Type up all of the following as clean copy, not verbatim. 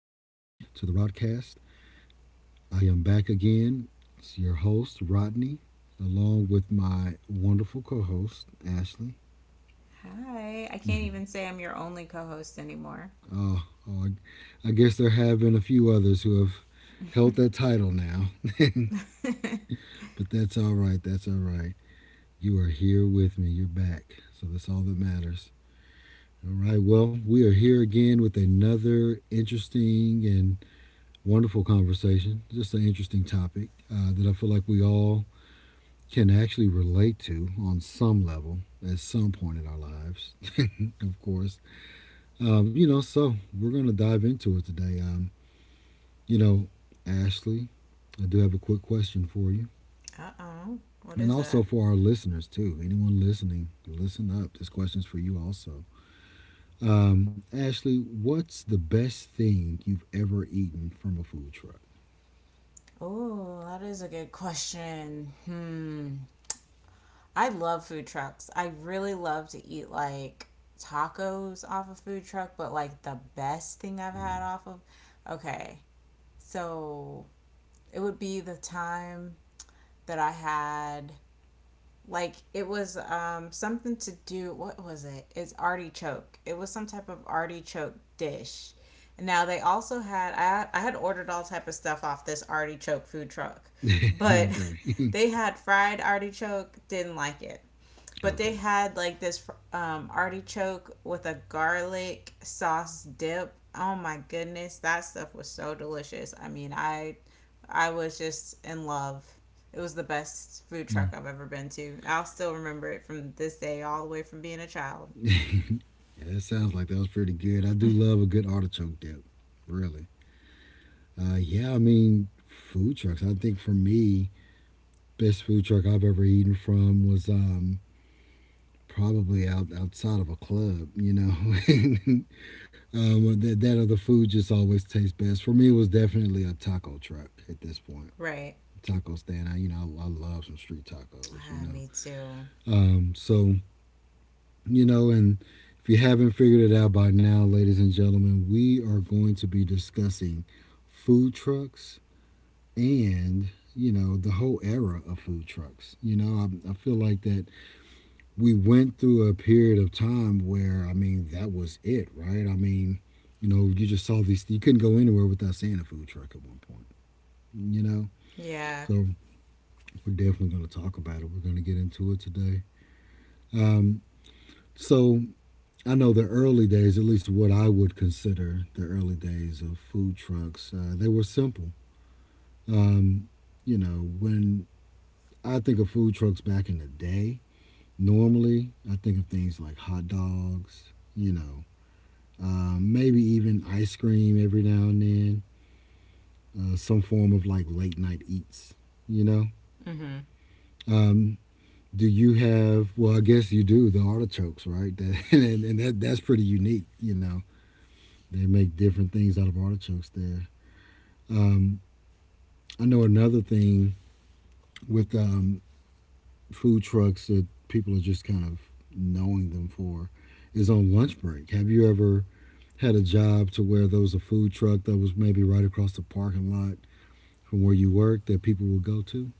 to the Rodcast. I am back again. It's your host, Rodney, along with my wonderful co host, Ashley. Hi. I can't even say I'm your only co host anymore. Uh, oh, I guess there have been a few others who have held that title now, but that's all right. That's all right. You are here with me. You're back. So that's all that matters. All right. Well, we are here again with another interesting and wonderful conversation. Just an interesting topic that I feel like we all can actually relate to on some level at some point in our lives, of course. So we're going to dive into it today. You know, Ashley, I do have a quick question for you. Uh oh. What And is also that? for our listeners, too. Anyone listening, listen up. This question's for you also. Ashley, what's the best thing you've ever eaten from a food truck? Oh, that is a good question. Hmm. I love food trucks. I really love to eat like tacos off of food truck, but like the best thing I've had off of. Okay. So it would be the time that I had like it was something to do. What was it? It's artichoke. It was some type of artichoke dish. Now they also had I had ordered all type of stuff off this artichoke food truck, but okay. they had fried artichoke. Didn't like it, but okay. they had like this artichoke with a garlic sauce dip. Oh my goodness, that stuff was so delicious. I was just in love. It was the best food Hmm. truck I've ever been to. I'll still remember it from this day all the way from being a child. Yeah, that sounds like that was pretty good. I do love a good artichoke dip. Really. Yeah, I mean, food trucks. I think for me, best food truck I've ever eaten from was probably out outside of a club. You know, And, that that other food just always tastes best. For me, it was definitely a taco truck at this point. Right. Taco stand. I love some street tacos. Ah, me too. um, so and if you haven't figured it out by now, ladies and gentlemen, we are going to be discussing food trucks, and you know, the whole era of food trucks. I feel like that we went through a period of time where I mean that was it, right? I mean, you know, you just saw these. You couldn't go anywhere without seeing a food truck at one point, you know. Yeah. So we're definitely going to talk about it. We're going to get into it today. um, so I know the early days, at least what I would consider the early days of food trucks, they were simple. um, when I think of food trucks back in the day, normally I think of things like hot dogs, you know, maybe even ice cream every now and then, some form of like late night eats, you know. Mhm. Um, do you have, well, I guess you do, the artichokes, right? That's pretty unique, you know. They make different things out of artichokes there. Um, I know another thing with food trucks that people are just kind of knowing them for is on lunch break. Have you ever had a job to where there was a food truck that was maybe right across the parking lot from where you work that people would go to.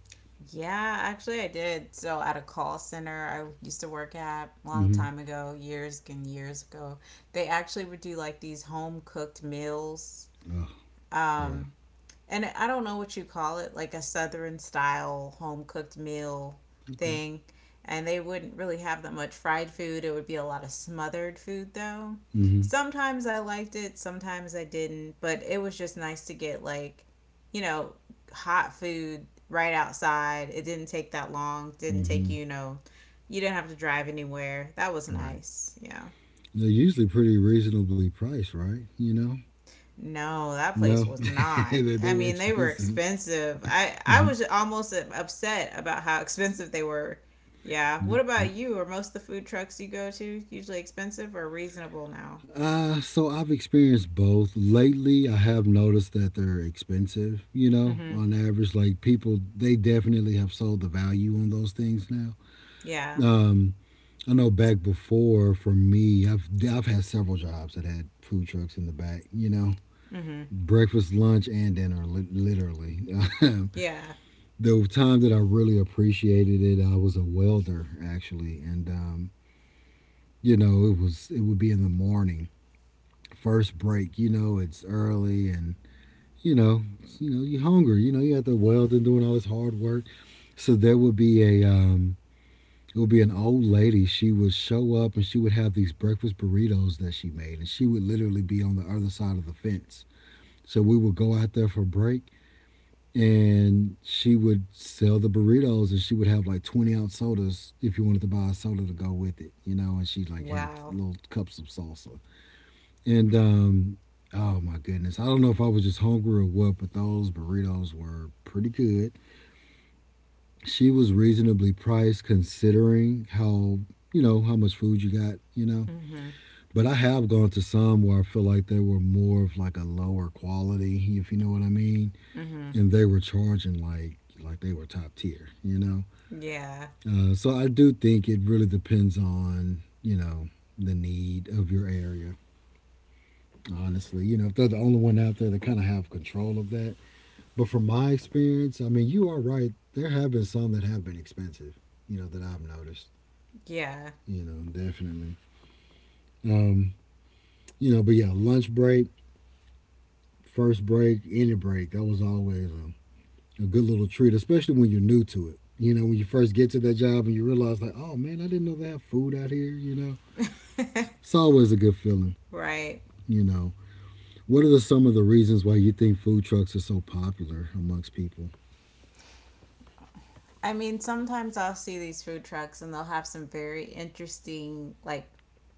Yeah, actually, I did. So, at a call center I used to work at long Mm-hmm. time ago, years and years ago, they actually would do like these home cooked meals. Oh, yeah. Um, and I don't know what you call it, like a southern style home cooked meal Okay. thing. And they wouldn't really have that much fried food. It would be a lot of smothered food though. Mm-hmm. Sometimes I liked it, sometimes I didn't, but it was just nice to get like, you know, hot food right outside. It didn't take that long, didn't Mm-hmm. take you didn't have to drive anywhere. That was Right. nice. Yeah. They're usually pretty reasonably priced, right? You know? No, that place No, was not. they I were mean, they were expensive. expensive. I Mm. was almost upset about how expensive they were. Yeah. What about you? Are most of the food trucks you go to usually expensive or reasonable now? So I've experienced both. Lately, I have noticed that they're expensive, you know, Mm-hmm. on average. Like people, they definitely have sold the value on those things now. Yeah. Um, I know back before for me, I've had several jobs that had food trucks in the back. You know, Mhm. breakfast, lunch, and dinner, literally. Yeah. The time that I really appreciated it, I was a welder actually, and you know, it would be in the morning, first break. You know, it's early, and you know, you're hungry. You know, you have to weld and doing all this hard work. So there would be a it would be an old lady. She would show up and she would have these breakfast burritos that she made, and she would literally be on the other side of the fence. So we would go out there for a break, and she would sell the burritos, and she would have like 20 oz sodas if you wanted to buy a soda to go with it, you know. And she like had Wow. little cups of salsa, and oh my goodness, I don't know if I was just hungry or what, but those burritos were pretty good. She was reasonably priced considering how, you know, how much food you got, you know. Mhm. But I have gone to some where I feel like they were more of like a lower quality, if you know what I mean, Mhm. and they were charging like they were top tier, you know. Yeah. So I do think it really depends on, you know, the need of your area, honestly. You know, if they're the only one out there, they kind of have control of that. But from my experience, I mean, you are right, there have been some that have been expensive, you know, that I've noticed. Yeah. You know, definitely. Um, you know, but Yeah, lunch break, first break, any break, that was always a good little treat, especially when you're new to it. You know, when you first get to that job and you realize, like, oh man, I didn't know they have food out here, you know? It's always a good feeling, Right. you know. What are the, some of the reasons why you think food trucks are so popular amongst people? I mean, sometimes I'll see these food trucks and they'll have some very interesting, like,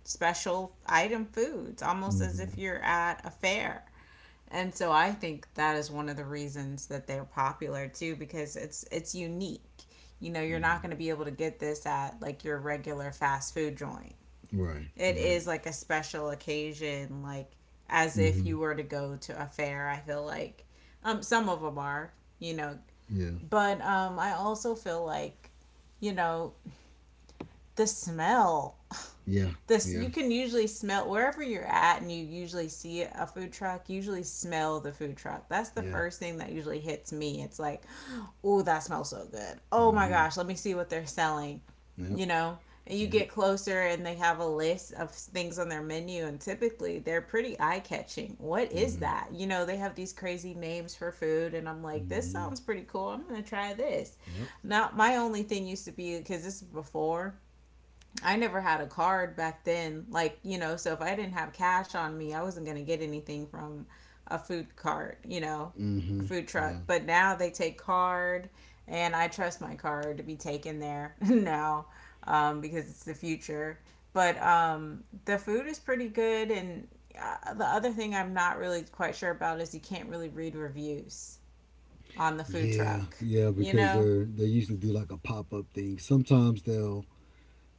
special item foods, almost as Mm-hmm. if you're at a fair. And so I think that is one of the reasons that they're popular too, because it's unique. You know, you're not going to be able to get this at like your regular fast food joint. Right, It right. is like a special occasion, like as if Mm-hmm. you were to go to a fair. I feel like some of them are, you know, Yeah, but I also feel like, you know, the smell, yeah, this yeah, you can usually smell wherever you're at, and you usually see a food truck, you usually smell the food truck. That's the yeah. first thing that usually hits me. It's like, oh, that smells so good. Oh my Mm-hmm. gosh, let me see what they're selling, Yep, you know. And you yep. get closer and they have a list of things on their menu and typically they're pretty eye-catching. What is Mm-hmm. that, you know? They have these crazy names for food and I'm like, this Mm-hmm. sounds pretty cool, I'm gonna try this. Yep. Now my only thing used to be, because this is before I never had a card back then. Like, you know, so if I didn't have cash on me, I wasn't going to get anything from a food cart, you know, a Mm-hmm. food Yeah. truck. But now they take card, and I trust my card to be taken there now, because it's the future. But the food is pretty good. And the other thing I'm not really quite sure about is you can't really read reviews on the food Yeah, truck, yeah, you because know? they're they usually do like a pop up thing. Sometimes they'll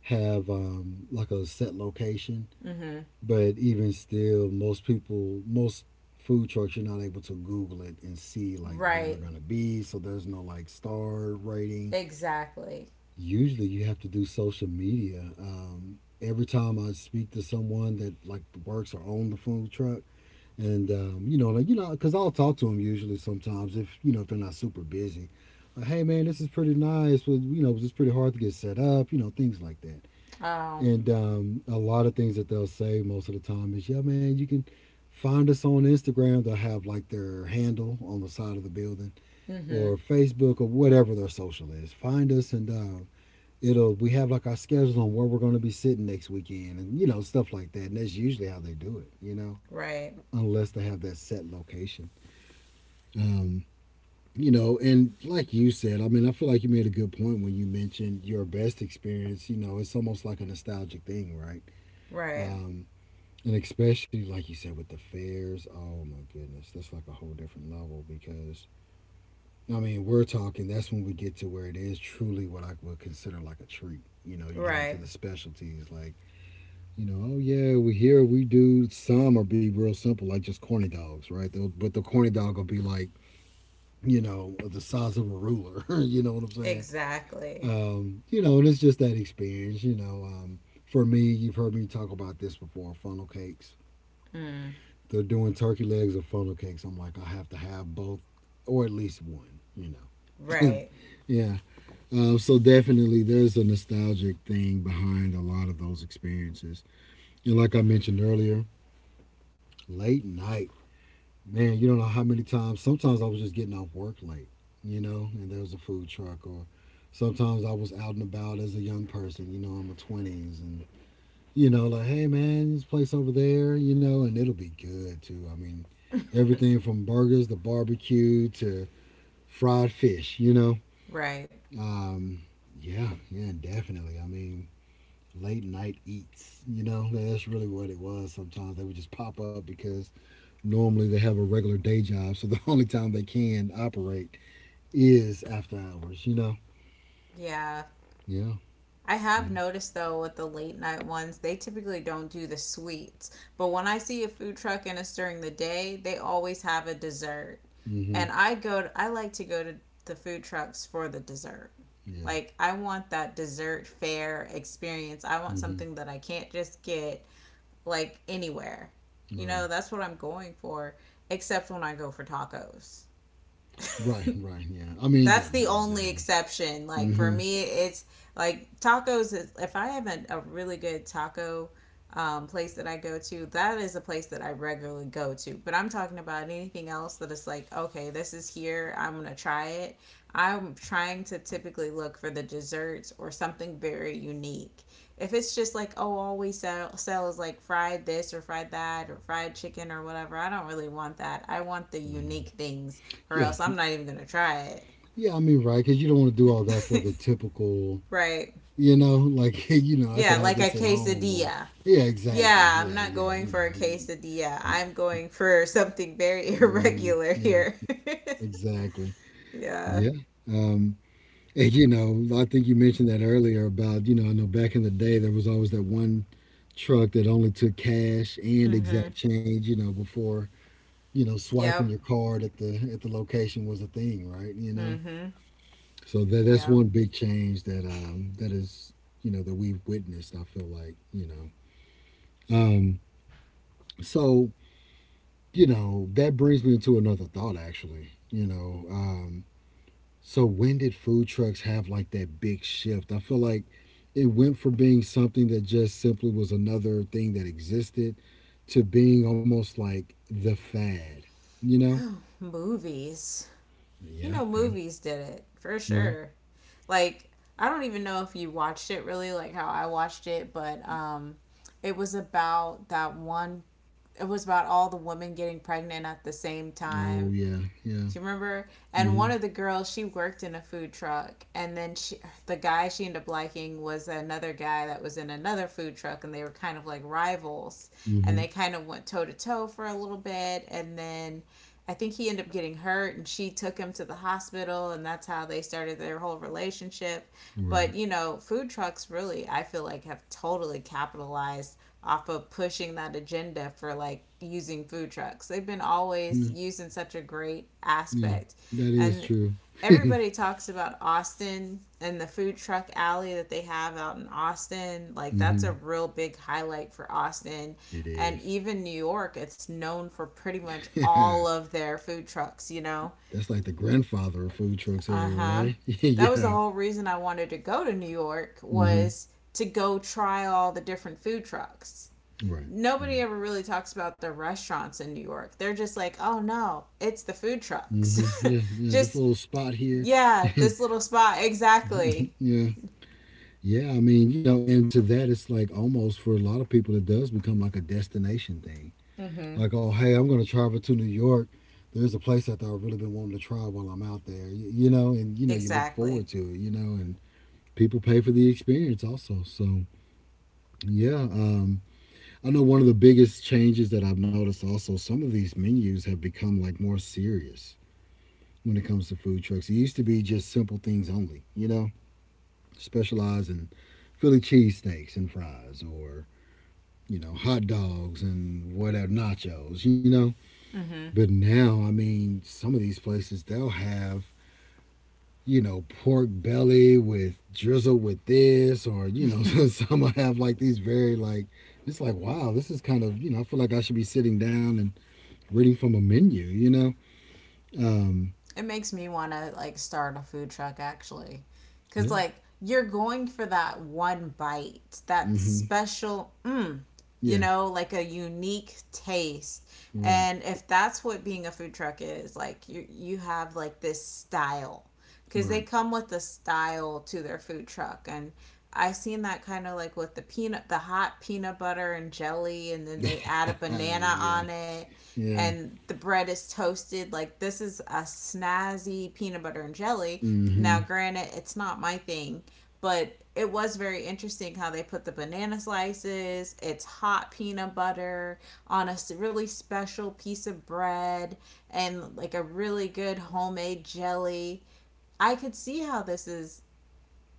have like a set location, Mm hmm. but even still, most people, most food trucks, you're not able to Google it and see like where they're Right. gonna be. So there's no like star rating. Exactly. Usually, you have to do social media. Every time I speak to someone that like works or own the food truck, and because I'll talk to them usually sometimes if you know if they're not super busy. Like, hey man, this is pretty nice, but you know, it's pretty hard to get set up, you know, things like that. Oh, And a lot of things that they'll say most of the time is, yeah man, you can find us on Instagram. They'll have like their handle on the side of the building mm hmm. or Facebook or whatever their social is. Find us and it'll we have like our schedule on where we're going to be sitting next weekend and you know stuff like that. And that's usually how they do it, you know, Right. unless they have that set location. Um, you know, and like you said, I mean, I feel like you made a good point when you mentioned your best experience. You know, it's almost like a nostalgic thing, right? Right. Um, and especially like you said with the fairs. Oh my goodness, that's like a whole different level because I mean, we're talking. That's when we get to where it is truly what I would consider like a treat. You know, you get into Right. the specialties like you know, oh yeah, we here we do some or be real simple like just corny dogs, right? They'll, but the corny dog will be like you know, the size of a ruler. You know what I'm saying? Exactly. You know, and it's just that experience. You know, for me, you've heard me talk about this before. Funnel cakes. Mm. They're doing turkey legs or funnel cakes. I'm like, I have to have both, or at least one. You know. Right. yeah. So definitely, there's a nostalgic thing behind a lot of those experiences. And like I mentioned earlier, late night. Man, you don't know how many times. Sometimes I was just getting off work late, you know, and there was a food truck, or sometimes I was out and about as a young person, you know, in my twenties, and you know, like, hey man, this place over there, you know, and it'll be good too. I mean, everything from burgers to barbecue to fried fish, you know. Right. Um, yeah, yeah, definitely. I mean, late night eats, you know, that's really what it was. Sometimes they would just pop up because normally, they have a regular day job, so the only time they can operate is after hours. You know? Yeah. Yeah. I have noticed though with the late night ones, they typically don't do the sweets. But when I see a food truck and it's during the day, they always have a dessert. Mm-hmm. And I go to, I like to go to the food trucks for the dessert. Yeah. Like I want that dessert fair experience. I want Mm-hmm. something that I can't just get like anywhere. You Right. know, that's what I'm going for, except when I go for tacos. Right. Right. Yeah. I mean, yeah. That's the Yeah, only exactly. exception. Like for Mm-hmm. me, it's like tacos. Is, if I have a really good taco place that I go to, that is a place that I regularly go to. But I'm talking about anything else that is like, okay, this is here, I'm gonna try it. I'm trying to typically look for the desserts or something very unique. If it's just like, oh, always sell, sells like fried this or fried that or fried chicken or whatever, I don't really want that. I want the Mm-hmm. unique things, or Yeah. else I'm not even gonna try it. Yeah. I mean, right, because you don't want to do all that for the typical. Right. You know, like you know, I could Yeah, have like a this at home, or quesadilla. yeah, exactly. Yeah, I'm Yeah. not Yeah. going You for a know. quesadilla. I'm going for something very Mm-hmm. irregular Yeah. here. Exactly. Yeah. Yeah. Um. And, you know, I think you mentioned that earlier about, you know, I know back in the day there was always that one truck that only took cash and Mm-hmm. exact change, you know, before, you know, swiping Yep. your card at the location was a thing, right? You know? Mm-hmm. So that's Yep. one big change that that is, you know, that we've witnessed, I feel like, you know. Um so, you know, that brings me into another thought actually, you know. So when did food trucks have like that big shift? I feel like it went from being something that just simply was another thing that existed to being almost like the fad, you know? Movies. You Yeah, know, okay. movies did it for Right. sure. Like, I don't even know if you watched it really, like how I watched it, but it was about that one. It was about all the women getting pregnant at the same Oh time. yeah, yeah. Do you remember? And one Mhm. of the girls, she worked in a food truck, and then she, the guy she ended up liking was another guy that was in another food truck, and they were kind of like rivals, and Mhm. they kind of went toe to toe for a little bit, and then I think he ended up getting hurt, and she took him to the hospital, and that's how they started their whole relationship. But Right. you know, food trucks really, I feel like, have totally capitalized off of pushing that agenda for like using food trucks. They've been always Yeah. used in such a great Yeah, aspect. that is And true. everybody talks about Austin and the food truck alley that they have out in Austin. Like, that's a Mhm. real big highlight for Austin. It And is. even New York, it's known for pretty much That's all of their food trucks, you know? like the grandfather of food trucks Uh area, huh. right? That was the yeah. whole reason I wanted to go to New York Mhm. was to go try all the different food trucks. Right. Nobody Right. ever really talks about the restaurants in New York. They're just like, oh no, it's the food Mhm. trucks. Yeah. Yeah, this Just, little spot here yeah, yeah. this little spot. Exactly. Yeah. Yeah, I mean, you know, and to that, it's like almost for a lot of people, it does become like a destination thing. Mm-hmm. Like, oh, hey, I'm going to travel to New York. There's a place out there I've really been wanting to try while I'm out there, you know, and, you know, you look Exactly. forward to it, you know, and people pay for the experience also. So, yeah, I know one of the biggest changes that I've noticed also, some of these menus have become like more serious when it comes to food trucks. It used to be just simple things only, you know? Specialize in Philly cheesesteaks and fries or, you know, hot dogs and whatever, nachos, you know. Mm-hmm. But now, I mean, some of these places, they'll have, you know, pork belly with drizzle with this or, you know, some will have like these very like, it's like, wow, this is kind of, you know, I feel like I should be sitting down and reading from a menu, you know? Um, It makes me want to like start a food truck actually. Cuz yeah. like you're going for that one bite, that Mm-hmm. special mm, you Yeah. know, like a unique taste. Right. And if that's what being a food truck is, like you have like this style, cuz they Right. come with a style to their food truck, and I have seen that kind of like with the peanut, the hot peanut butter and jelly, and then yeah. they add a banana on it, Yeah. and the bread is toasted. Like this is a snazzy peanut butter and jelly. Now, Mm-hmm. granted, it's not my thing, but it was very interesting how they put the banana slices. It's hot peanut butter on a really special piece of bread and like a really good homemade jelly. I could see how this is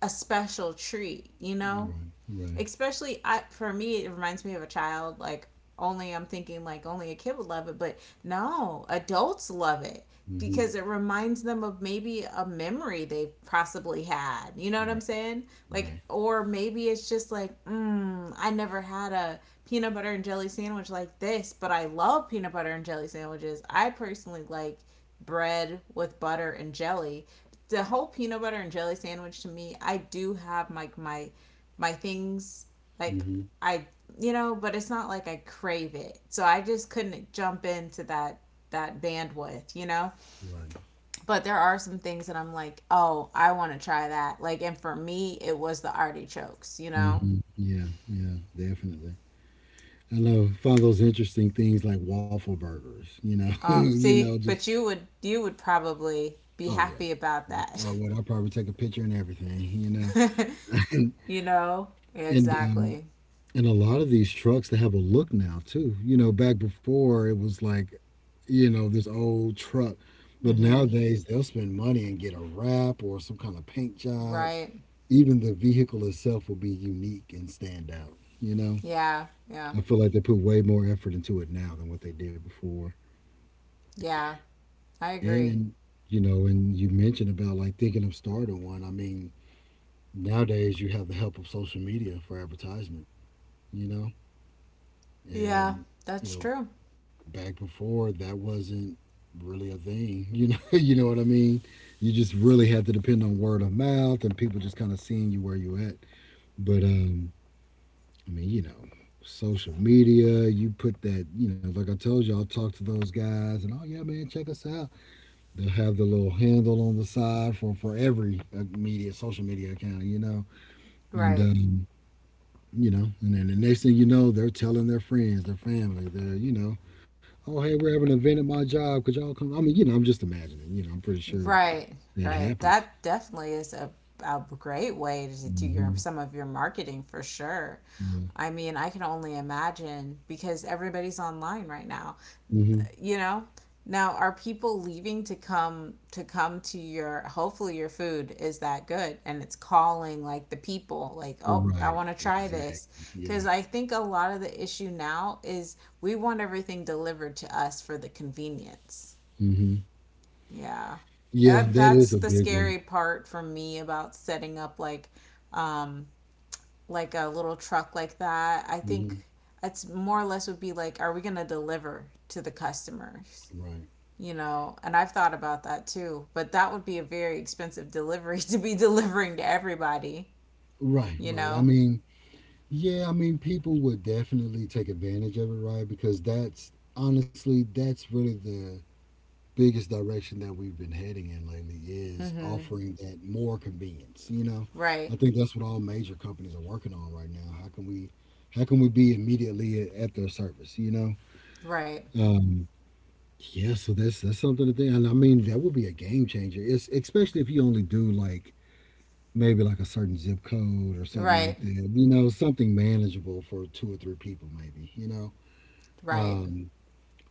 a special treat, you know? Right, right, Especially I, for me, it reminds me of a child. Like, only I'm thinking like only a kid would love it, but no, adults love it hmm, because it reminds them of maybe a memory they've possibly had. You know what I'm right, saying? Like, right, or maybe it's just like, mm, I never had a peanut butter and jelly sandwich like this, but I love peanut butter and jelly sandwiches. I personally like bread with butter and jelly. The whole peanut butter and jelly sandwich to me, I do have like my things like hmm, I, you know, but it's not like I crave it. So I just couldn't jump into that bandwidth, you know? right, But there are some things that I'm like, "Oh, I want to try that." Like and for me, it was the artichokes, you know? hmm, yeah, yeah, definitely. I love find those interesting things like waffle burgers. You know, you know, See, just but you would, you would probably be oh yeah, happy about yeah. that. Oh, well, I'll probably take a picture and everything. You know, and You know? Yeah, and um, exactly. and a lot of these trucks they have a look now too. You know, back before it was like, you know, this old truck, but Mhm. nowadays they'll spend money and get a wrap or some kind of paint job Right. even the vehicle itself will be unique and stand out. You know, Yeah. Yeah. I feel like they put way more effort into it now than what they did before. Yeah. I agree. And you know, and you mentioned about like thinking of starting one. I mean, nowadays you have the help of social media for advertisement. You know, Yeah, and you that's know true. back before that wasn't really a thing. You know what I mean. You just really had to depend on word of mouth and people just kind of seeing you where you at. But I mean, you know, social media, you put that, you know, like I told you, I'll talk to those guys and, oh, yeah, man, check us out. They'll have the little handle on the side for, every media, social media account, you know. And, Right. You know, and then the next thing you know, they're telling their friends, their family, they're you know, oh, hey, we're having an event at my job. Could y'all come? I mean, you know, I'm just imagining, you know, I'm pretty sure Right, that right. happens. That definitely is a great way to do your Hmm. some of your marketing for sure. Yeah. I mean, I can only imagine because everybody's online right now. Hmm. You know? Now, are people leaving to come to come to your hopefully your food is that good and it's calling like the people like, "Oh, I Right. want to try this." Exactly. Yeah. Cuz I think a lot of the issue now is we want everything delivered to us for the convenience. Hmm. Yeah. Yeah, that is That's a the big one. scary part for me about setting up um like a little truck like that. I think Mhm. it's more or less would be like, are we going to deliver to the customers? Right. You know, and I've thought about that too, but that would be a very expensive delivery to be delivering to everybody, Right, you right. I know. mean, yeah, I mean people would definitely take advantage of it, right? Because that's honestly that's really the biggest direction that we've been heading in lately is Mhm. offering that more convenience, you know? I Right. think that's what all major companies are working on right now. How can we be immediately at their service, you know? Right. Um yeah, so that's something to think. And I mean that would be a game changer. It's especially if you only do like maybe like a certain zip code or something Right. like that. You know, something manageable for two or three people, maybe. You know, Right. um,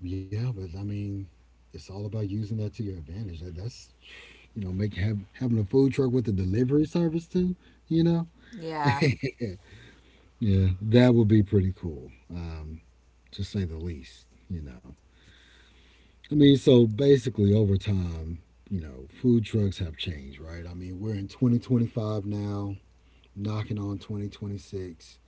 yeah, but I mean, it's all about using that to your advantage. That, that's you know, make have having a food truck with a delivery service too. You know, Yeah. yeah, yeah that would be pretty cool, to say the least. You know, I mean, so basically over time. You know, food trucks have changed, right? I mean, we're in 2025 now, knocking on 2026.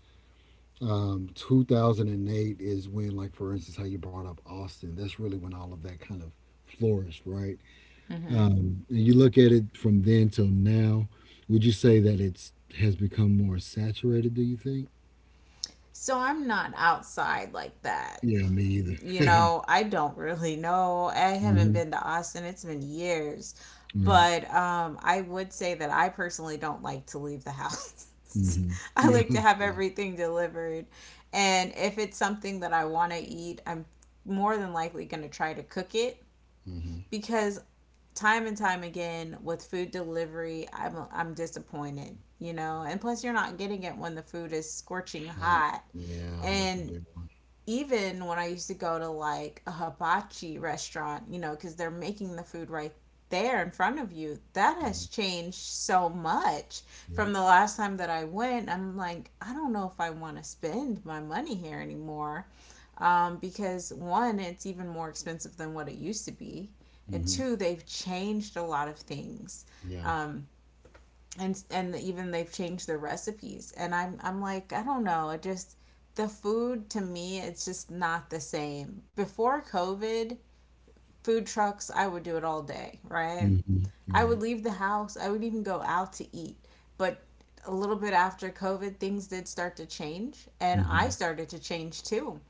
2008 is when, like, for instance, how you brought up Austin. That's really when all of that kind of flourished, right? Mhm. And you look at it from then till now. Would you say that it's has become more saturated? Do you think? So I'm not outside like that. Yeah, me either. You know, I don't really know. I Hmm. haven't been to Austin. It's been years. Right. But I would say that I personally don't like to leave the house. Hmm. I Yeah. like to have Yeah. everything delivered. And if it's something that I want to eat, I'm more than likely going to try to cook it Hmm. because time and time again with food delivery, I'm disappointed. And plus, you're not getting it when the food is scorching Hot. hot, Yeah, that's a and big one. even when I used to go to like a hibachi restaurant, because they're making the food right there in front of you, that Hmm. has changed so much Yep. from the last time that I went. I'm like, I don't know if I want to spend my money here anymore, because one, it's even more expensive than what it used to be, and Hmm. two, they've changed a lot of things. Yeah. Um, and even they've changed their recipes, and I'm like, I don't know, it just, the food to me, it's just not the same. Before covid, food trucks, I would do it all day, right? Hmm. I Right. would leave the house, I would even go out to eat. But a little bit after COVID, things did start to change, and I Hmm. started to change too.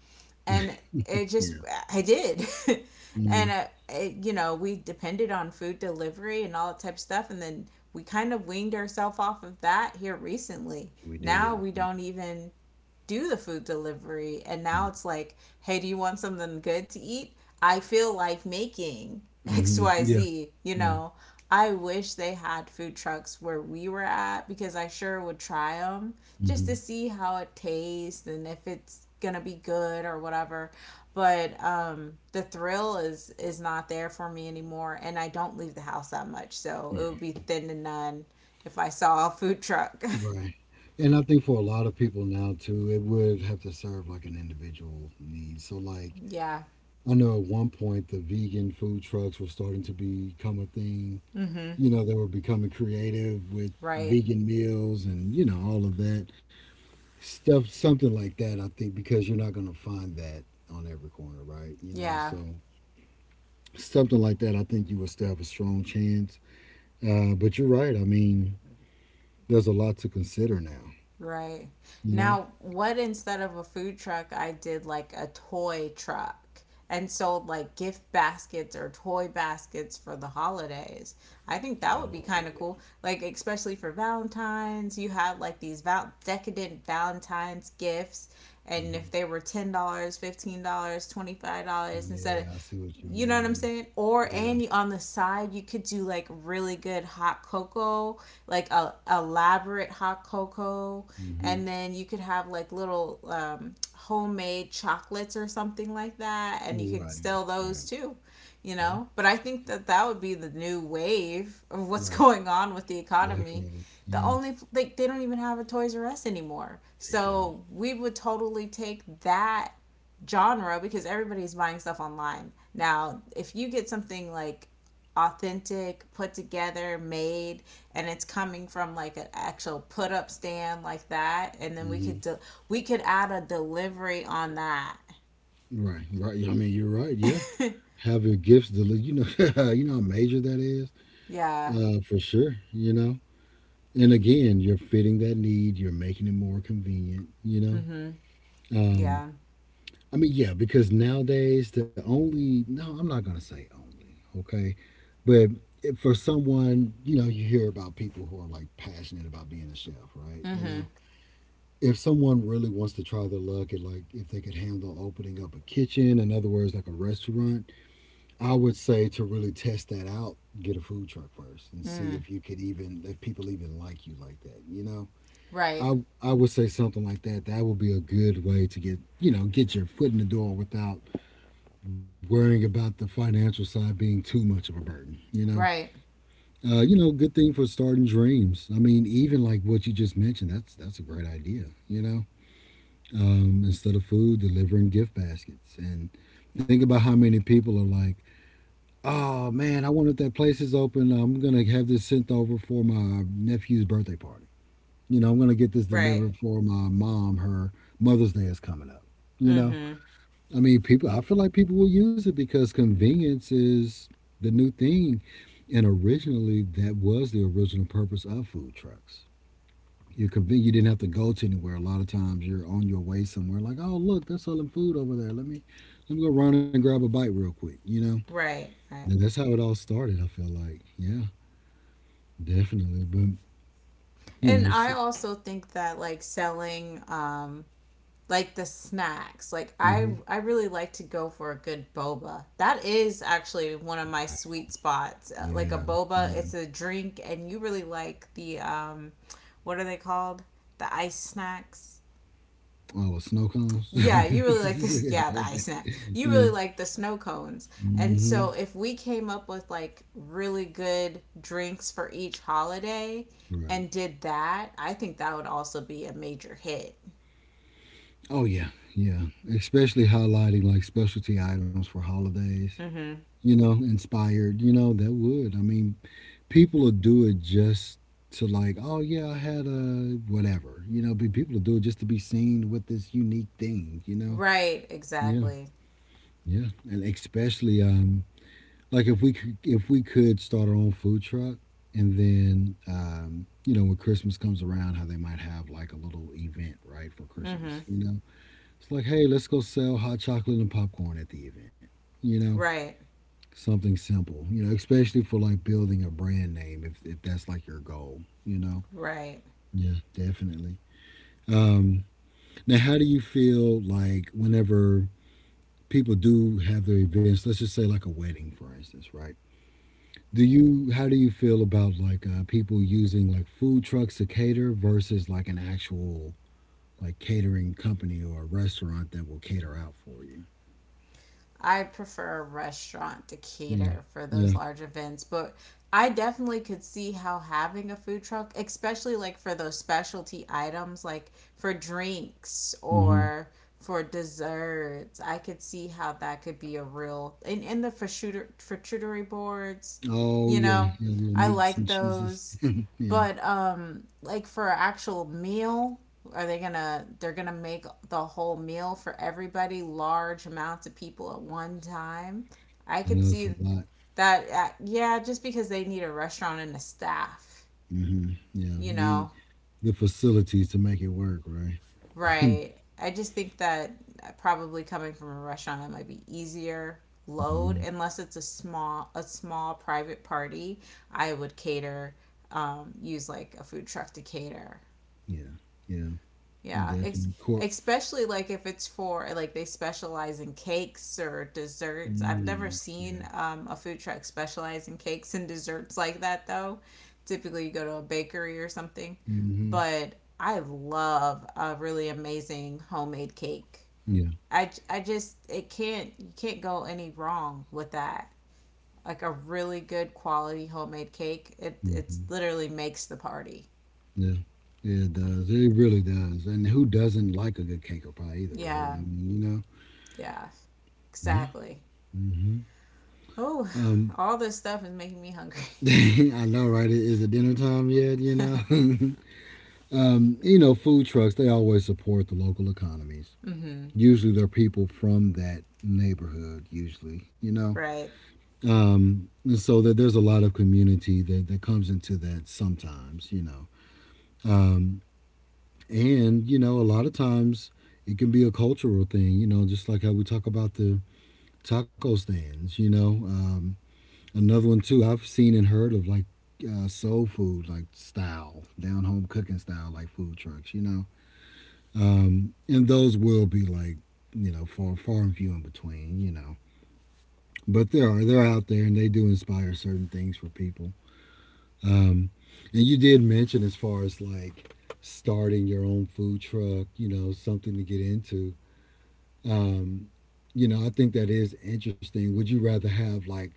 And it just, Yeah. I did. Yeah. And we depended on food delivery and all that type of stuff. And then we kind of weaned ourselves off of that here recently. We Now did. we don't even do the food delivery, and now it's like, hey, do you want something good to eat? I feel like making Mm-hmm. Yeah. xyz you Yeah. know I wish they had food trucks where we were at, because I sure would try them just to Hmm. see how it tastes and if it's gonna be good or whatever. But the thrill is not there for me anymore, and I don't leave the house that much, so it Yeah. would be thin to none if I saw a food truck. Right. And I think for a lot of people now too, it would have to serve like an individual need. So like yeah. I know at one point the vegan food trucks were starting to become a thing. Mm-hmm. You know, they were becoming creative with Right. vegan meals and, you know, all of that stuff, something like that, I think, because you're not gonna find that on every corner, right? You know, Yeah, so something like that I think you would still have a strong chance. But you're right, I mean, there's a lot to consider now, right. you know? Now, what, instead of a food truck, I did like a toy truck and sold like gift baskets or toy baskets for the holidays. I think that would be Oh, kind of yeah. cool. Like, especially for Valentine's, you had like these decadent Valentine's gifts. And Mhm. if they were $10, $15, $25, instead of, Yeah, I see what you you know what I'm mean. saying? Or, Yeah. and you, on the side, you could do like really good hot cocoa, like a elaborate hot cocoa, Mhm. and then you could have like little homemade chocolates or something like that, and you could Right, sell right. those too, you Yeah, know. But I think that that would be the new wave of what's right. going on with the economy. Definitely. The Yeah. only, like, they don't even have a Toys R Us anymore, They don't. so we would totally take that genre because everybody's buying stuff online. Now, if you get something like authentic, put together, made, and it's coming from like an actual put up stand like that, and then we Mhm. could we could add a delivery on that. Right, right. I mean, you're right. Yeah. Have your gifts delivered. You know, you know how major that is, yeah. For sure. You know, and again, you're fitting that need. You're making it more convenient. You know, Mhm. Um. Yeah. I mean, yeah, because nowadays the only no, I'm not gonna say only, okay, but if for someone, you know, you hear about people who are like passionate about being a chef, right? You Mhm. know, if someone really wants to try their luck at like if they could handle opening up a kitchen, in other words, like a restaurant, I would say to really test that out, get a food truck first and see Mm. if you could even if people even like you like that, you know. Right. I would say something like that. That would be a good way to get you know get your foot in the door without worrying about the financial side being too much of a burden, you know. Right. You know, good thing for starting dreams. I mean, even like what you just mentioned, that's a great idea, you know. Instead of food, delivering gift baskets and think about how many people are like, "Oh man, I wonder if that place is open. I'm going to have this sent over for my nephew's birthday party. You know, I'm going to get this Right. delivered for my mom. Her Mother's Day is coming up." You know, Mhm. I mean, people. I feel like people will use it because convenience is the new thing, and originally that was the original purpose of food trucks. You're convenient. You didn't have to go to anywhere. A lot of times you're on your way somewhere, like, oh look, they're selling food over there. Let me go run and grab a bite real quick. You know, Right. Right. and that's how it all started. I feel like, yeah, definitely. But you And know, s I also think that like selling like the snacks. Like I hmm, I really like to go for a good boba. That is actually one of my sweet spots. Like a yeah, boba, it's yeah. a drink and you really like the what are they called? The ice snacks. Oh, with snow cones. Yeah, you really like this. Yeah, the ice snacks. You yeah. really like the snow cones. And Hmm. so if we came up with like really good drinks for each holiday Right. and did that, I think that would also be a major hit. Oh yeah, yeah. Especially highlighting like specialty items for holidays. Mm-hmm. You know, inspired. You know that would. I mean, people will do it just to like, oh yeah, I had a whatever. You know, but people will do it just to be seen with this unique thing. You know. Right, Yeah, exactly. yeah. And especially like if we could start our own food truck, and then you know when Christmas comes around, how they might have like a little event right for Mm-hmm. Christmas. You know. It's like, hey, let's go sell hot chocolate and popcorn at the event. You know, Right. something simple. You know, especially for like building a brand name, if that's like your goal. You know. Right. Yeah, definitely. Um, now, how do you feel like whenever people do have their events? Let's just say like a wedding, for instance, right? Do you how do you feel about like people using like food trucks to cater versus like an actual like catering company or a restaurant that will cater out for you? I prefer a restaurant to cater for those Yeah, large events, but I definitely could see how having a food truck, especially like for those specialty items, like for drinks yeah. or for desserts, I could see how that could be a real, and the for shooter for charcuterie boards, Oh you yeah, know, yeah, little I meats like and cheeses. those. yeah, But like for an actual meal, are they gonna? They're gonna make the whole meal for everybody, large amounts of people at one time. I I could know it's a see lot. that. Yeah, just because they need a restaurant and a staff, Hmm. Yeah, you know, the facilities to make it work, right? right? I just think that probably coming from a restaurant, that might be easier load, Hmm. unless it's a small private party. I would cater, use like a food truck to cater. Yeah, yeah, and Yeah, definitely court. especially like if it's for like they specialize in cakes or desserts. I've never Mm, seen yeah. A food truck specialize in cakes and desserts like that though. Typically, you go to a bakery or something, Hmm. but I love a really amazing homemade cake. Yeah. I just, it can't, you can't go any wrong with that. Like a really good quality homemade cake, it Hmm. literally makes the party. Yeah. Yeah, it does. It really does. And who doesn't like a good cake or pie either, right? Yeah, I mean, yeah, Yeah. exactly. hmm Oh, Um, all this stuff is making me hungry. I know, right? Is it dinner time yet? Food trucks they always support the local economies. Mm-hmm. Usually they're people from that neighborhood, usually, you know? Right. And so that there's a lot of community that comes into that sometimes, you know. Um, and, a lot of times it can be a cultural thing, you know, just like how we talk about the taco stands, Another one, too, I've seen and heard of like soul food, like style, down home cooking style, like food trucks, you know. And those will be like, you know, far, far and few in between, you know. But there are they're out there and they do inspire certain things for people um and you did mention as far as like starting your own food truck, something to get into. um I think that is interesting. Would you rather have like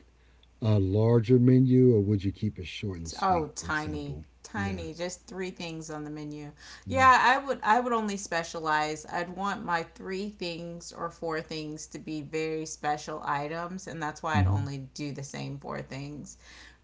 a larger menu, or would you keep it short and Oh, sweet and tiny, simple? Yeah, tiny. Just three things on the menu. yeah, Yeah, I would. I would only specialize. I'd want my three things or four things to be very special items, and that's why I'd mm-hmm. only do the same four things.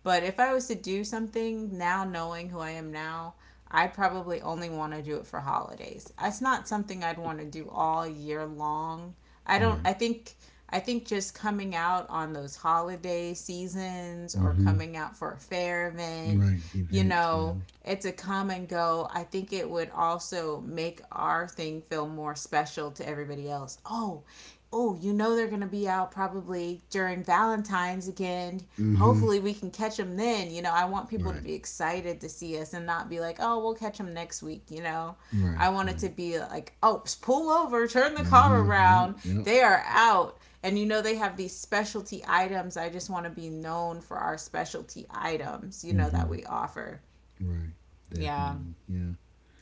But if I was to do something now, knowing who I am now, I'd probably only want to do it for holidays. It's not something I'd want to do all year long. I don't Right. I think just coming out on those holiday seasons or Mm-hmm. coming out for a fair event, Right, you events, you know. know, it's a come and go. I think it would also make our thing feel more special to everybody else. Oh, oh, you know they're going to be out probably during Valentine's again. Mm-hmm. Hopefully we can catch them then. You know, I want people to Right, be excited to see us and not be like, oh, we'll catch them next week. You know, right, I want it to right. be like, oh, pull over, turn the car Mm-hmm, yeah, around. yeah. They are out. And you know, they have these specialty items. I just want to be known for our specialty items, you know, that Mm-hmm. we offer. Right, Yeah. definitely, yeah.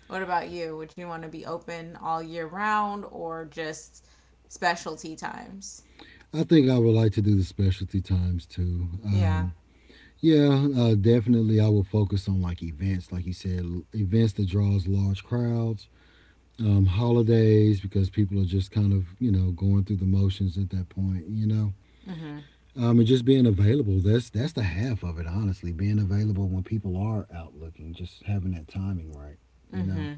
What about you? Would you want to be open all year round or just specialty times? I think I would like to do the specialty times too. Yeah. Yeah, definitely. I will focus on like events, like you said, events that draws large crowds, holidays, because people are just kind of, you know, going through the motions at that point, you know. Mm-hmm. And just being available. That's the half of it, honestly. Being available when people are out looking, just having that timing right, you know. Mm-hmm.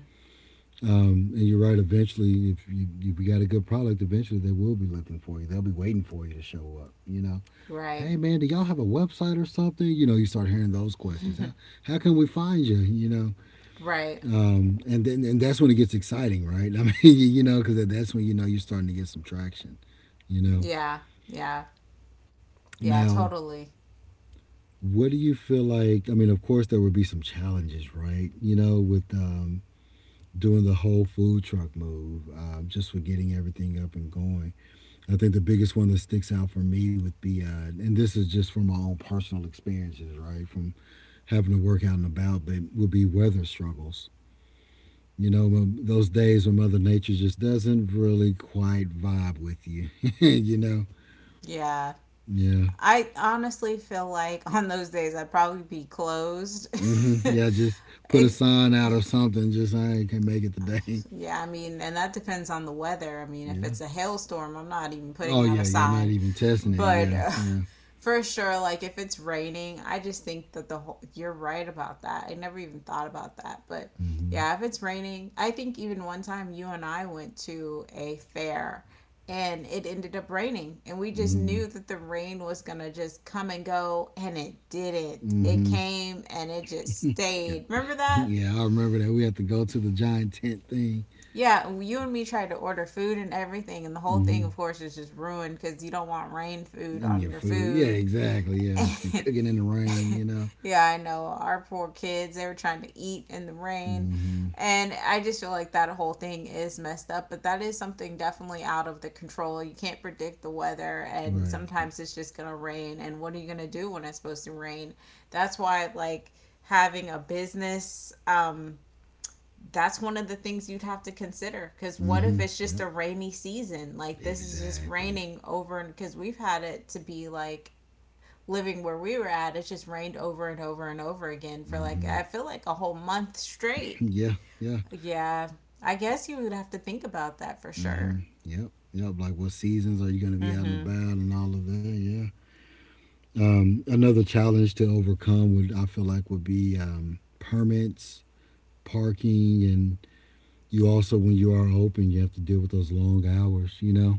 And you're right. Eventually, if you got a good product, eventually they will be looking for you. They'll be waiting for you to show up, you know. Hey Right. man, do y'all have a website or something? You know, you start hearing those questions. How can we find you? Right. And then and that's when it gets exciting, right? I mean, you, know, because that's when you know you're starting to get some traction. You know, Yeah. Yeah. Yeah. now Totally. what do you feel like? I mean, of course there would be some challenges, right? You know, with doing the whole food truck move, just with getting everything up and going. I think the biggest one that sticks out for me would be, and this is just from my own personal experiences, right? From having to work out and about, but would be weather struggles. You know, those days when Mother Nature just doesn't really quite vibe with you. You know, Yeah. yeah, I honestly feel like on those days I'd probably be closed. Yeah. Just put a Ex- sign out or something. Just I can't make it today. Yeah, I mean, and that depends on the weather. I mean, if Yeah. it's a hailstorm, I'm not even putting Oh out yeah, a yeah. Not sign. even testing it. But Yeah, yeah. for sure, like if it's raining, I just think that the whole, you're right about that. I never even thought about that. But hmm yeah, if it's raining, I think even one time you and I went to a fair and it ended up raining and we just hmm knew that the rain was going to just come and go, and it didn't. It hmm came and it just Yeah, stayed. Remember that? yeah. I remember that we had to go to the giant tent thing. Yeah, you and me tried to order food and everything, and the whole thing, hmm of course, is just ruined because you don't want rain food And on your your food. Yeah, food. exactly. Yeah. And cooking in the rain, you know. yeah, I know. Our poor kids, they were trying to eat in the rain. hmm And I just feel like that whole thing is messed up, but that is something definitely out of the control. You can't predict the weather, and Right. sometimes it's just going to rain. And what are you going to do when it's supposed to rain? That's why, like, having a business, that's one of the things you'd have to consider, because what if it's just Yep. a rainy season? Like, this is just Exactly. raining over, and because we've had it to be like, living where we were at, it's just rained over and over and over again for, like, I hmm feel like, a whole month straight. Yeah. Yeah. Yeah. I guess you would have to think about that for sure. Yep, yep. Like what seasons are you going to be out and Mm-hmm. about and all of that? Yeah. Another challenge to overcome would, I feel like, would be permits, parking, and you also, when you are open, you have to deal with those long hours, you know?